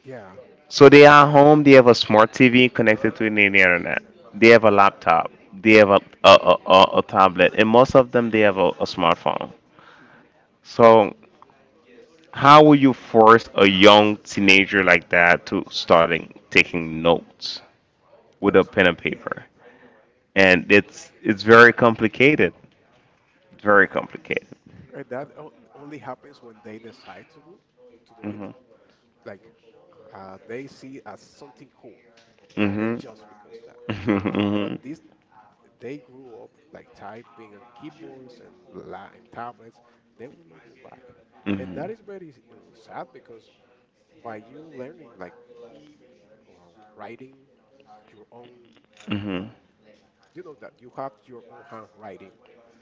Speaker 2: Yeah.
Speaker 1: So they are home. They have a smart TV connected to the internet. They have a laptop. They have a tablet, and most of them they have a smartphone.
Speaker 2: Hmm.
Speaker 1: So how will you force a young teenager like that to starting taking notes with a
Speaker 2: There's no
Speaker 1: pen
Speaker 2: way.
Speaker 1: and paper? And it's very complicated, very complicated.
Speaker 2: And that only happens when they decide to do it.
Speaker 1: Mhm.
Speaker 2: Like they see as something cool, and
Speaker 1: Mhm.
Speaker 2: just because that. But
Speaker 1: Mhm.
Speaker 2: this, they grew up like typing on keyboards and la and tablets. They will not go back, and that
Speaker 1: Mhm.
Speaker 2: is very sad because by you learning like writing your own…
Speaker 1: Mhm.
Speaker 2: You know that you have your own handwriting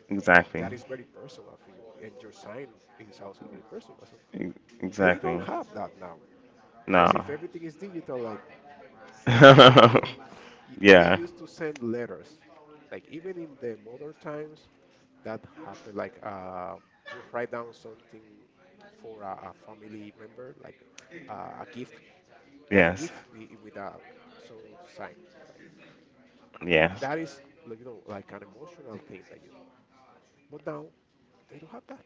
Speaker 1: Exactly.
Speaker 2: that is very personal for you, and your sign is also very personal, so they don't
Speaker 1: Exactly.
Speaker 2: have that now
Speaker 1: No.
Speaker 2: because if everything is digital, like, what is the
Speaker 1: <laughs>
Speaker 2: meaning? We
Speaker 1: Yeah.
Speaker 2: used to send letters, like, even in the modern times that happened, like you write down something for a family member, like a gift, a
Speaker 1: Yes.
Speaker 2: gift with a… some sign, like.
Speaker 1: Yes.
Speaker 2: That is like, you know, like an emotional thing that you do, but now they don't have that.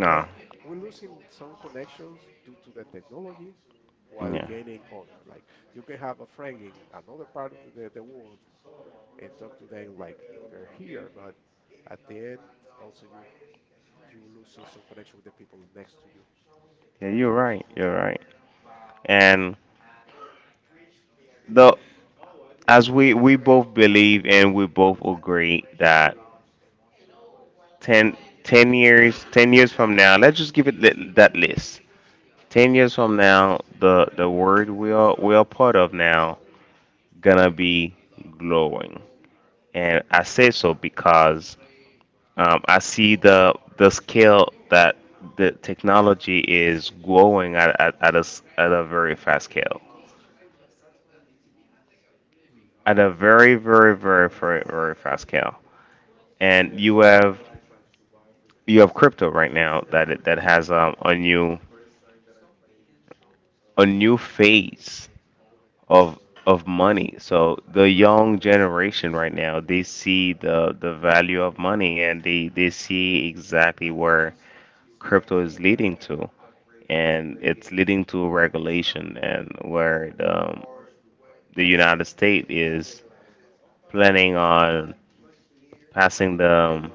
Speaker 2: It's like we're losing some connections due to the technology while
Speaker 1: Yeah.
Speaker 2: gaining other, like, you can have a friend in another part of the world and talk to them like if they're here, but at the end, also you… you losing some connection with the people next to you.
Speaker 1: Yeah, you're right. You're right. And though, as we both believe and we both agree that ten ten years 10 years from now, let's just give it that list. 10 years from now, the world we are part of now gonna be glowing, and I say so
Speaker 2: Hmm.
Speaker 1: because I see the scale that the technology is growing at a very fast scale, at a very, very, very, very, very fast scale, and you have crypto right now that has a new phase of of money. So the young generation right now, they see the value of money, and they see exactly where crypto is leading to, and it's leading to regulation, and where the United States is planning on passing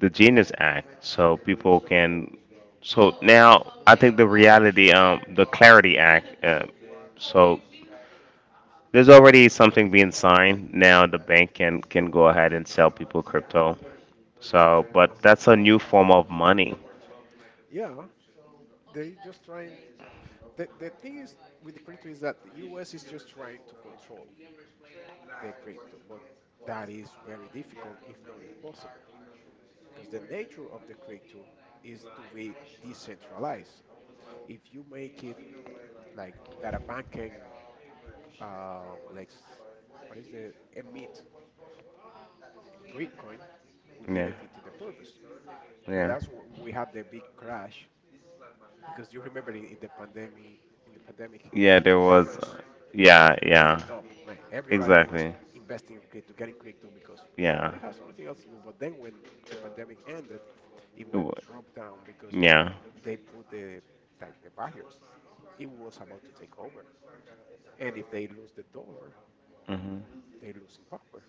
Speaker 1: the Genius Act, so people can. So now I think the reality, the Clarity Act. So There's already something being signed. Now the bank can go ahead and sell people crypto. So,
Speaker 2: Oh,
Speaker 1: but that's a new form of money.
Speaker 2: yeah. They just trying. The thing is, with the creator, is that the U.S. is just trying to control the crypto, but that is very difficult, if not impossible, because the nature of the crypto is to be decentralized. If you make it like that, a banking, like what is the emit, Bitcoin, will be
Speaker 1: Yeah.
Speaker 2: defeating the purpose. So
Speaker 1: Yeah.
Speaker 2: that's what we had the big crash, because you remember, in the pandemic, in the pandemic,
Speaker 1: Yeah, there
Speaker 2: that
Speaker 1: was,
Speaker 2: was
Speaker 1: yeah,
Speaker 2: to
Speaker 1: yeah.
Speaker 2: the top. Man, everybody was
Speaker 1: Exactly.
Speaker 2: investing in crypto, getting crypto, because
Speaker 1: Yeah.
Speaker 2: nobody has anything else to do. But then when the pandemic ended, it
Speaker 1: It
Speaker 2: went
Speaker 1: wa-
Speaker 2: drop down because
Speaker 1: Yeah.
Speaker 2: they put the… like the barriers. It was about to take over, and if they lose the dollar,
Speaker 1: Mhm.
Speaker 2: they lose in power.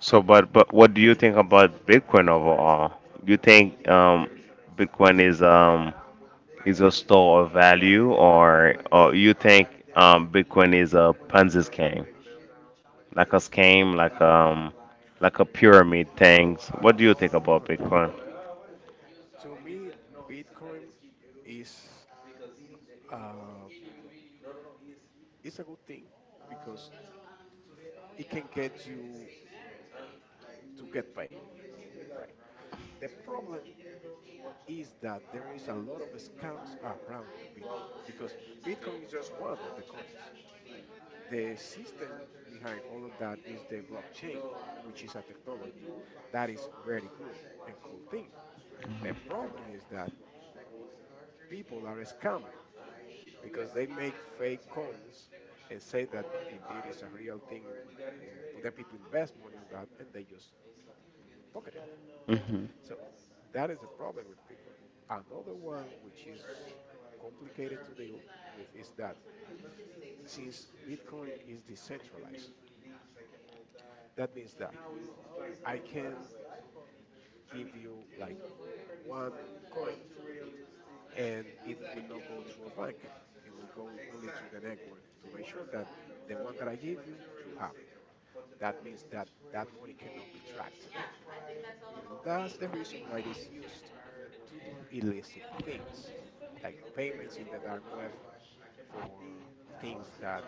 Speaker 1: So, but what do you think about Bitcoin overall? Do you think Bitcoin is a store of value, or you think Bitcoin is a Ponzi scheme, like a scam, like a pyramid things? What do you think about
Speaker 2: Uh,
Speaker 1: Bitcoin?
Speaker 2: to me, Bitcoin is, uh, is a good thing because it can get you to get paid, right? The problem is that there is a lot of scams around the Bitcoin, because Bitcoin is just one of the coins. The system behind all of that is the blockchain, which is a technology that is very good and cool thing. The problem is that people are scamming because they make fake coins and say that indeed it's a real thing. But then people invest money on that and they just pocket it.
Speaker 1: hmm
Speaker 2: So that is a problem with Bitcoin. Another one, which is complicated to deal with, is that since Bitcoin is decentralized, that means that I can give you like one coin and it will not go through a bank. It will go only through the network to make sure that the one that I give you, you have it. That means that that money cannot be tracked. And that's the reason why it is used to do illicit things, like payments in the dark web for things that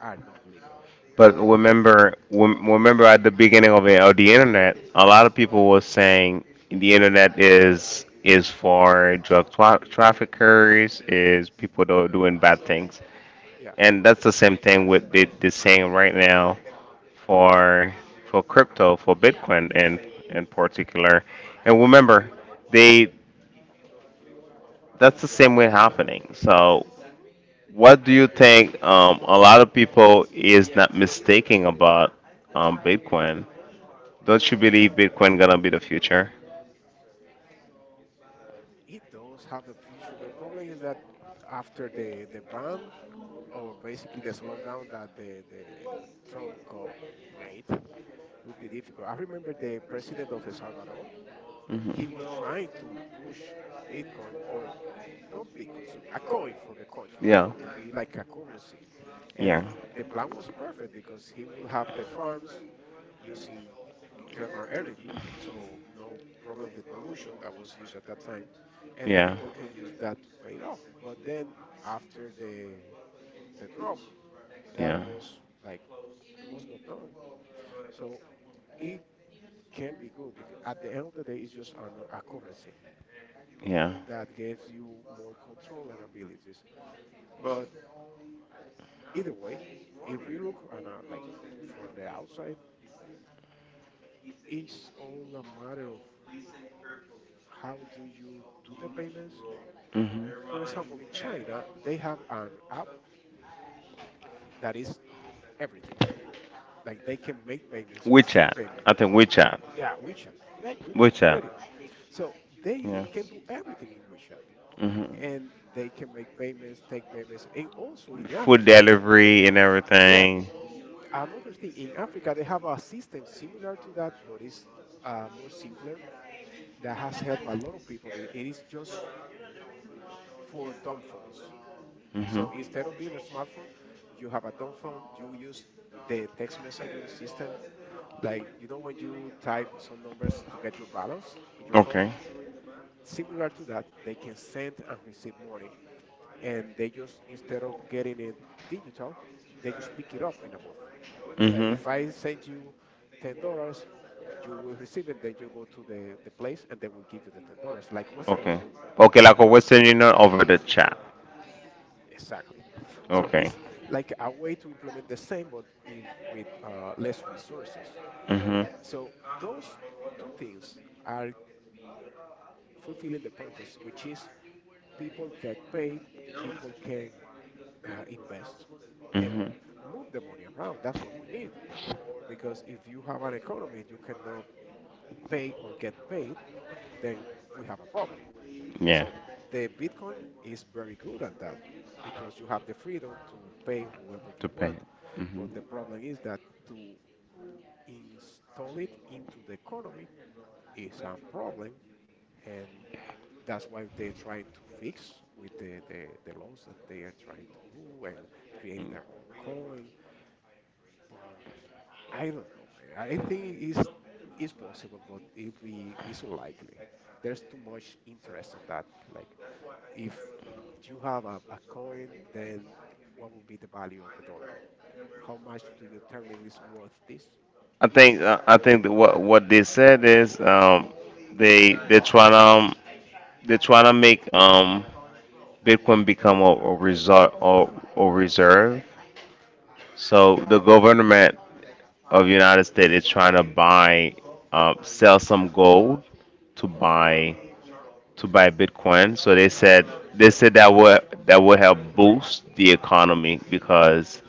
Speaker 2: are not legal.
Speaker 1: But remember, remember at the beginning of the internet, a lot of people were saying the internet is for drug traffickers, is people that are doing bad things.
Speaker 2: Yeah,
Speaker 1: And that's the same thing with the saying right now for crypto, for Bitcoin in particular. And remember, they that's the same way happening. So what do you think a lot of people is not mistaking about Bitcoin? Don't you believe Bitcoin gonna be the future?
Speaker 2: it does have a future. The problem is that after the ban, or basically the slowdown that the Trump made, it would be difficult. I remember the president of El Salvador, he was
Speaker 1: Mhm.
Speaker 2: trying to push Bitcoin, or not Bitcoin, so a coin for the country
Speaker 1: Yeah.
Speaker 2: to be like a currency.
Speaker 1: Yeah.
Speaker 2: And the plan was perfect because he will have the farms using thermal energy, so no problem with pollution that was used at that time, and the
Speaker 1: Yeah.
Speaker 2: people can use that to pay it off. But then after the… the drop, that was like… was not done. So it can be good because at the end of the day, it's just a currency
Speaker 1: Yeah. Yeah.
Speaker 2: that gives you more control and abilities. But either way, if we look on a, like, from the outside, it's all a matter of how do you do the payments.
Speaker 1: Mhm.
Speaker 2: For example, in China, they have an app that is everything. Like they can make payments, receive
Speaker 1: WeChat.
Speaker 2: payments.
Speaker 1: I think WeChat.
Speaker 2: Yeah, WeChat. Yeah, you know
Speaker 1: WeChat.
Speaker 2: already. So they
Speaker 1: Yeah.
Speaker 2: can do everything in WeChat.
Speaker 1: hmm
Speaker 2: And they can make payments, take payments. And also in
Speaker 1: Food
Speaker 2: Africa,
Speaker 1: delivery and
Speaker 2: yeah,
Speaker 1: everything.
Speaker 2: another thing in Africa, they have a system similar to that, but it's more simpler, that has helped a lot of people. It is just for dumb phones.
Speaker 1: Mhm.
Speaker 2: So instead of being a smartphone, you have a dumb phone. You use the text messaging system, like you know when you type some numbers to get your balance in your phone.
Speaker 1: Okay.
Speaker 2: Similar to that, they can send and receive money, and they just, instead of getting it digital, they just pick it up in a booth. Like
Speaker 1: Mhm.
Speaker 2: if I send you $10, you will receive it. Then you go to the place, and they will give you the $10, like Western
Speaker 1: Okay.
Speaker 2: Union.
Speaker 1: Okay, like a Western Union over the chat.
Speaker 2: Exactly. So
Speaker 1: Okay.
Speaker 2: it's like a way to implement the same, but if with less resources.
Speaker 1: Mm-hmm.
Speaker 2: So those two things are fulfilling the purpose, which is people get paid, people can invest and
Speaker 1: Mm-hmm.
Speaker 2: move
Speaker 1: Not the.
Speaker 2: the money around. That's what we need. Because if you have an economy and you cannot pay or get paid, then we have a problem.
Speaker 1: Yeah. So.
Speaker 2: So the Bitcoin is very good at that because you have the freedom to pay whoever you
Speaker 1: To pay.
Speaker 2: want.
Speaker 1: Mm-hmm.
Speaker 2: But the problem is that to install it into the economy is a problem. And that's why they're trying to fix with the laws that they are trying to do, and
Speaker 1: To.
Speaker 2: creating their own coin. But I don't know, man. I think it's… it's possible, but it be… it's unlikely. There's too much interest in that. Like, if you have a coin, then what will be the value of the dollar? How much do you determine is worth this?
Speaker 1: I think that what they said is, they're trying to, they're trying to make, Bitcoin become a resort, or a reserve.
Speaker 2: Mm.
Speaker 1: So the government of United States is trying to buy sell some gold to buy to buy Bitcoin. So they said that would help boost the economy, because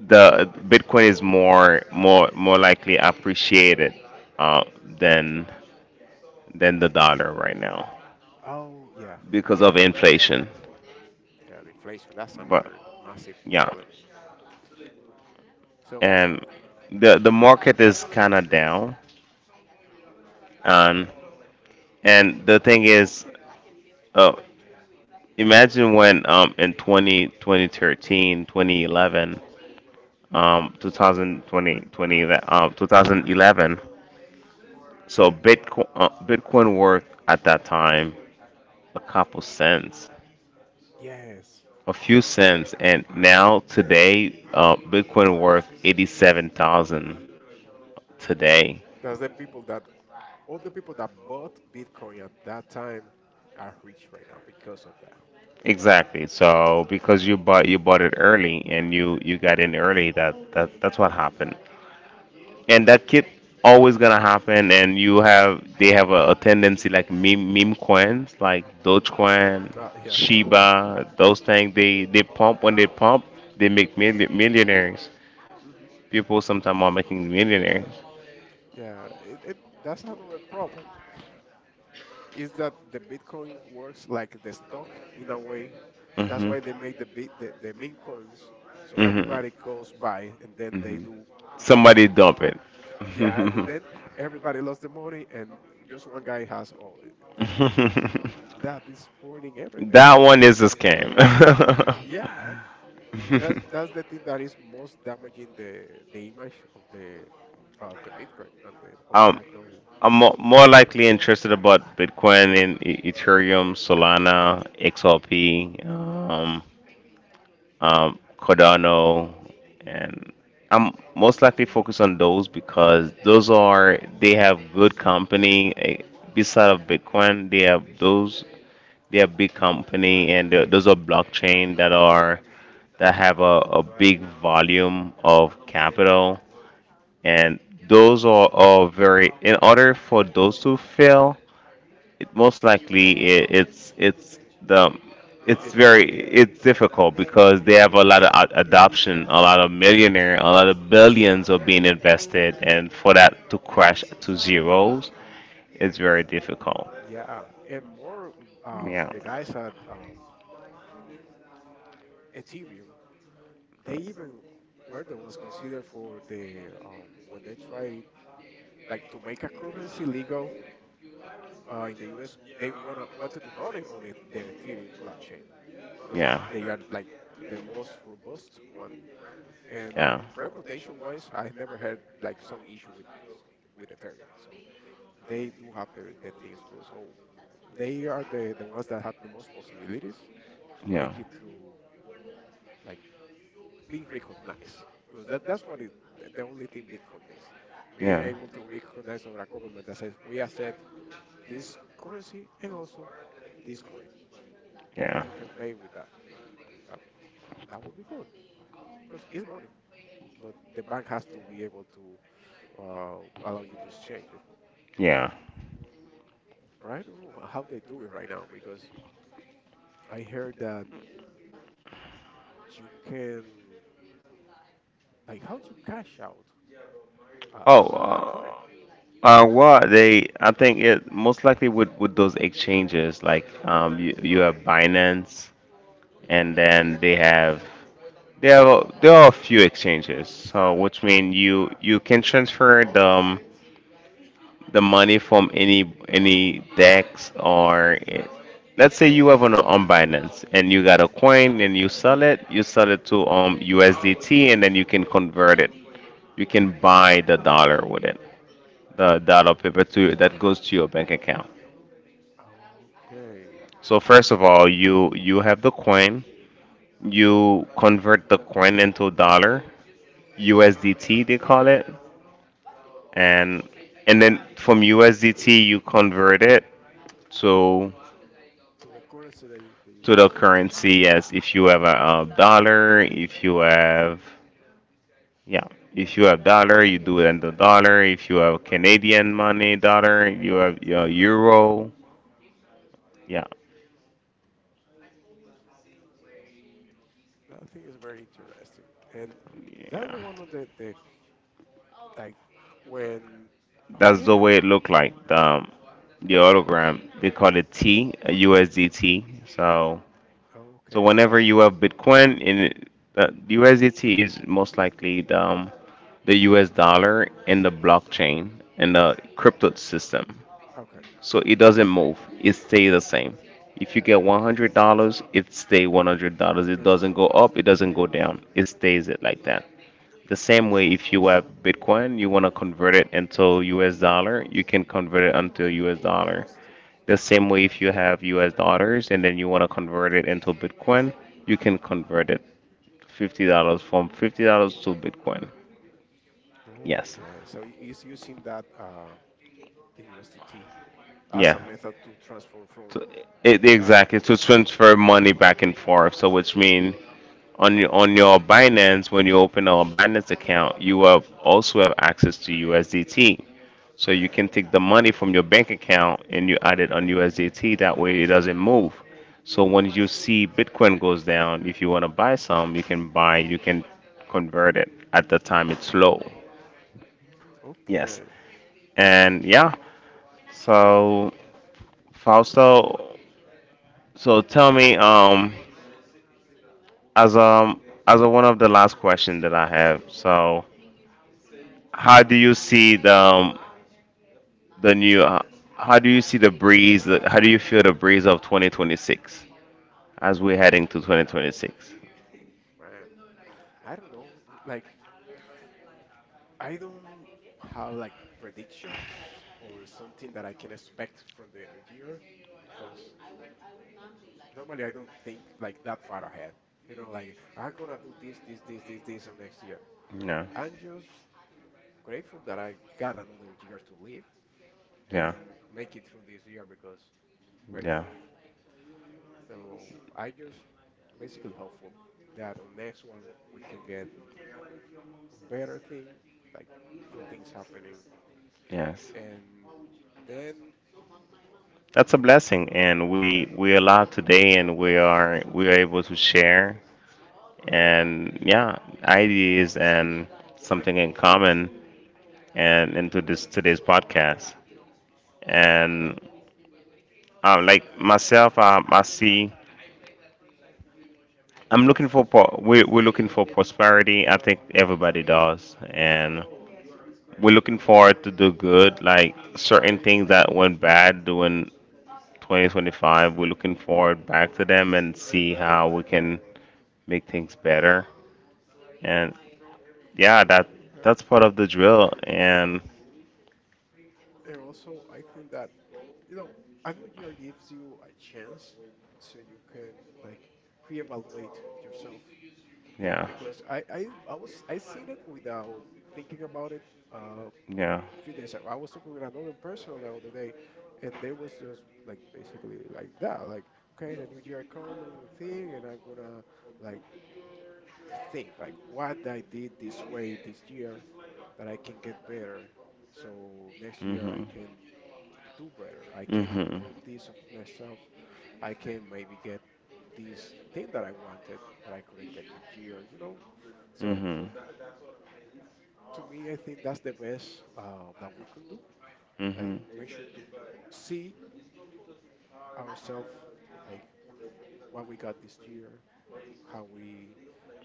Speaker 1: the Bitcoin is more likely appreciated, uh, than than the dollar right now
Speaker 2: Oh, yeah.
Speaker 1: because of inflation.
Speaker 2: Yeah, the inflation, that's
Speaker 1: But,
Speaker 2: another massive
Speaker 1: yeah,
Speaker 2: problem. So,
Speaker 1: and the market is kind of down.
Speaker 2: mhm.
Speaker 1: And and the thing is, uh, imagine when, in twenty twenty thirteen, 2011, 2020 twenty, 20, 2011. So Bitcoin worth at that time a couple cents,
Speaker 2: Yes.
Speaker 1: a few cents, and now today Bitcoin worth
Speaker 2: It's…
Speaker 1: 87,000
Speaker 2: mhm.
Speaker 1: today.
Speaker 2: That's the people that… all the people that bought Bitcoin at that time are rich right now because of that.
Speaker 1: Exactly. So because you bought it early and you got in early, that's what happened. And that keep always gonna happen. And you have they have a tendency, like meme coins like Dogecoin,
Speaker 2: Yeah. <laughs>
Speaker 1: Shiba, those things. They pump. When they pump, they make millionaires.
Speaker 2: Hmm.
Speaker 1: People sometimes are making millionaires.
Speaker 2: Yeah, that's another problem. Is that the Bitcoin works like the stock in a way. That's
Speaker 1: Hmm.
Speaker 2: why they make the meme coins. So
Speaker 1: Hmm.
Speaker 2: everybody goes buy and then they
Speaker 1: Hmm.
Speaker 2: do… up.
Speaker 1: Somebody dump it.
Speaker 2: Yeah, and
Speaker 1: <laughs>
Speaker 2: then everybody lost the money, and just one guy has all the… that is ruining everything.
Speaker 1: That one is a scam. <laughs>
Speaker 2: Yeah, that that's the thing that is most damaging the… the image of the… of the Bitcoin and the… all the
Speaker 1: um,
Speaker 2: technology.
Speaker 1: I'm more likely interested about Bitcoin and Ethereum, Solana, XRP. Cardano, and I'm most likely focused on those because those are they have good company. Beside of Bitcoin, they have those, they have big company, and those are blockchain that have a big volume of capital, and those are very. In order for those to fail, it, most likely,
Speaker 2: Uh,
Speaker 1: I it's
Speaker 2: it-
Speaker 1: the
Speaker 2: it's
Speaker 1: it's very
Speaker 2: difficult.
Speaker 1: it's difficult because they
Speaker 2: Yeah.
Speaker 1: have a lot of adoption, a lot of millionaire, a lot of billions are being invested, and for that to crash to zeros, it's very difficult.
Speaker 2: Yeah, and more the guys at Ethereum, they even were the ones considered for the when they tried, like, to make a currency legal in the U.S. They wanna wanted to run it on it, the Ethereum blockchain, because
Speaker 1: Yeah.
Speaker 2: they
Speaker 1: Yeah.
Speaker 2: are like the most robust one. And
Speaker 1: Yeah.
Speaker 2: reputation-wise, I never had like some issue with… with Ethereum, so they do have their… their things good. So they are the… the ones that have the most possibilities to
Speaker 1: Yeah.
Speaker 2: make it through, like, being recognized, because that, that's what it… the only thing bitcoin is being able to recognize our government that says we accept this currency, and also this coin,
Speaker 1: Yeah.
Speaker 2: and
Speaker 1: Yeah.
Speaker 2: you can pay with that. And that… that would be good because it's money, but the bank has to be able to uh, allow you to exchange it.
Speaker 1: Yeah.
Speaker 2: But I don't know how they do it right now because I heard that you can, like, how do you cash out
Speaker 1: Oh,
Speaker 2: a coin.
Speaker 1: Well, I think it most likely with those exchanges, like, you have Binance, and then they have there are a few exchanges, so which mean you can transfer the money from any DEX or let's say you have on Binance and you got a coin and you sell it to USDT, and then you can convert it. You can buy the dollar with it, the dollar paper to that goes to your bank account.
Speaker 2: Mm. Okay.
Speaker 1: So first of all, you have the coin. You convert the coin into a dollar, USDT they call it, and then from USDT you convert it to
Speaker 2: So the currency that you… that you
Speaker 1: to the
Speaker 2: use.
Speaker 1: currency, as if you have a dollar, yeah, if you have dollar, you do it in the dollar. If you have Canadian money dollar, you have your euro. Yeah,
Speaker 2: That I think is very interesting. And that's
Speaker 1: yeah.
Speaker 2: the one of the… the, like, when… oh
Speaker 1: That's the
Speaker 2: yeah.
Speaker 1: way it looked like. The autogram they call it T, a USDT. So
Speaker 2: Oh, okay, so
Speaker 1: whenever
Speaker 2: that's it.
Speaker 1: you have Bitcoin in it, USDT is most likely the US dollar in the blockchain, in the crypto system.
Speaker 2: Okay.
Speaker 1: So it doesn't move. It stays the same. If you get $100, it stay $100. It
Speaker 2: It's on
Speaker 1: doesn't go up, it doesn't go down. It stays it like that. The same way, if you have Bitcoin, you want to convert it into US dollar, you can convert it into US dollar.
Speaker 2: USD.
Speaker 1: The same way, if you have US dollars and then you want to convert it into Bitcoin, you can convert it $50, from $50 to Bitcoin.
Speaker 2: Mhm.
Speaker 1: Yes.
Speaker 2: Okay. So it's using that the USDT as
Speaker 1: Yeah.
Speaker 2: a method to transfer
Speaker 1: So,
Speaker 2: from that to
Speaker 1: exactly.
Speaker 2: that.
Speaker 1: To transfer money back and forth. So, which means on your Binance. When you open a Binance account, you have
Speaker 2: Mhm.
Speaker 1: also have access to USDT. So you can take the money from your bank account and you add it on USDT. That way it doesn't move. So when you see Bitcoin goes down, if you want to buy some, you can you can convert it at the time it's low.
Speaker 2: Mm,
Speaker 1: Yes.
Speaker 2: okay.
Speaker 1: And yeah, so Fausto, so tell me, as um as one of the last question that I have, so how do you see the new? How do you see the breeze? How do you feel the breeze of 2026, as we're heading to 2026?
Speaker 2: Oof, man. I don't know. Like, I don't have like predictions or something that I can expect from the new year, because normally I don't think like that far ahead. You know, like, I'm gonna do this, this, this, this, this on next year.
Speaker 1: Yeah,
Speaker 2: I'm just grateful that I got another year to live and
Speaker 1: yeah,
Speaker 2: make it through this year because very
Speaker 1: yeah.
Speaker 2: rough. So I just basically hopeful that on next one we can get better thing, like good things happening,
Speaker 1: Yes,
Speaker 2: and then
Speaker 1: that's a blessing, and
Speaker 2: yeah,
Speaker 1: we are alive today, and we are able to share and ideas, and something in common, and into this today's podcast. And Like myself, I see. I'm looking for pro- we're looking for prosperity. I think everybody does,
Speaker 2: yeah.
Speaker 1: and we're looking forward to do good. Like certain things that went bad during 2025, we're looking forward back to them and see
Speaker 2: Yeah,
Speaker 1: how we can make things better. And yeah, that's
Speaker 2: yeah.
Speaker 1: part of the drill. And
Speaker 2: And also, I think that, you know, a new year gives you a chance so you can, like, reevaluate yourself,
Speaker 1: yeah,
Speaker 2: because I was… I seen it without thinking about it a
Speaker 1: yeah.
Speaker 2: few days ago. I was talking with another person the other day, and they was just like basically like that, like, okay, the new year coming thing, and I'm gonna, like, think like what I did this way this year that I can get better. So next year
Speaker 1: Mm-hmm.
Speaker 2: I can do better. I can
Speaker 1: Mm-hmm.
Speaker 2: improve this of myself. I can maybe get this thing that I wanted that I couldn't get this year, you know? So to me, I think that's the best that we could do. Like,
Speaker 1: Hmm.
Speaker 2: make sure to see ourselves, like, what we got this year, how we…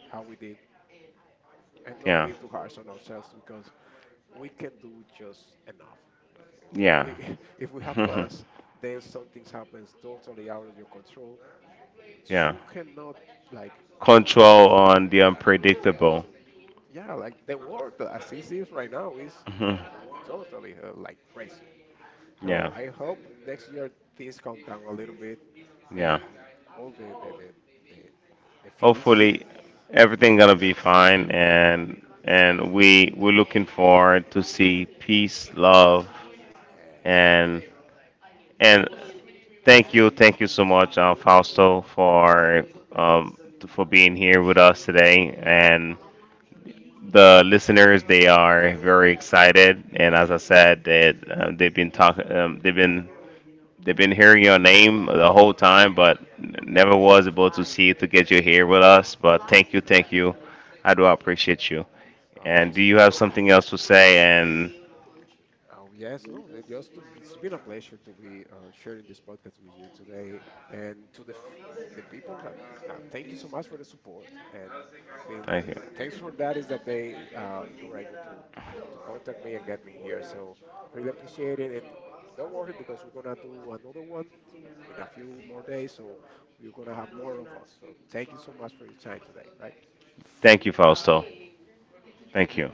Speaker 2: how we did, and not
Speaker 1: Yeah.
Speaker 2: be too harsh on ourselves because we can do just enough.
Speaker 1: Yeah.
Speaker 2: <laughs> If we have plans, then something happens totally out of your control.
Speaker 1: <laughs> Yeah.
Speaker 2: You cannot, like…
Speaker 1: Control on the
Speaker 2: Yeah,
Speaker 1: unpredictable.
Speaker 2: yeah, like the world as it is right now is totally like crazy.
Speaker 1: <laughs>
Speaker 2: So
Speaker 1: Yeah.
Speaker 2: I hope next year things calm down a little bit, and
Speaker 1: Yeah.
Speaker 2: all the, the fields.
Speaker 1: Hopefully everything gonna be fine, and we're looking forward to see peace, love,
Speaker 2: Yes.
Speaker 1: and and thank you so much, Fausto, um for being here with us today. And the listeners they are very excited, and as I said that, they've been talking, they've been, they've been hearing your name the whole time, but never was able to see to get you here with us. But thank you, thank you. I do appreciate you.
Speaker 2: I don't know.
Speaker 1: And do
Speaker 2: So,
Speaker 1: you have something else to say? And
Speaker 2: oh, yes, no, it just to… it's been a pleasure to be sharing this podcast with you today, and to the people that thank you so much for the support, and then
Speaker 1: thank you.
Speaker 2: the thanks for that is that they you were able to… to contact me and get me here. So really appreciate it, and don't worry because we're gonna do another one in a few more days, so we're gonna have more of us. So thank you so much for your time today, right?
Speaker 1: Thank you, Fausto. Thank you.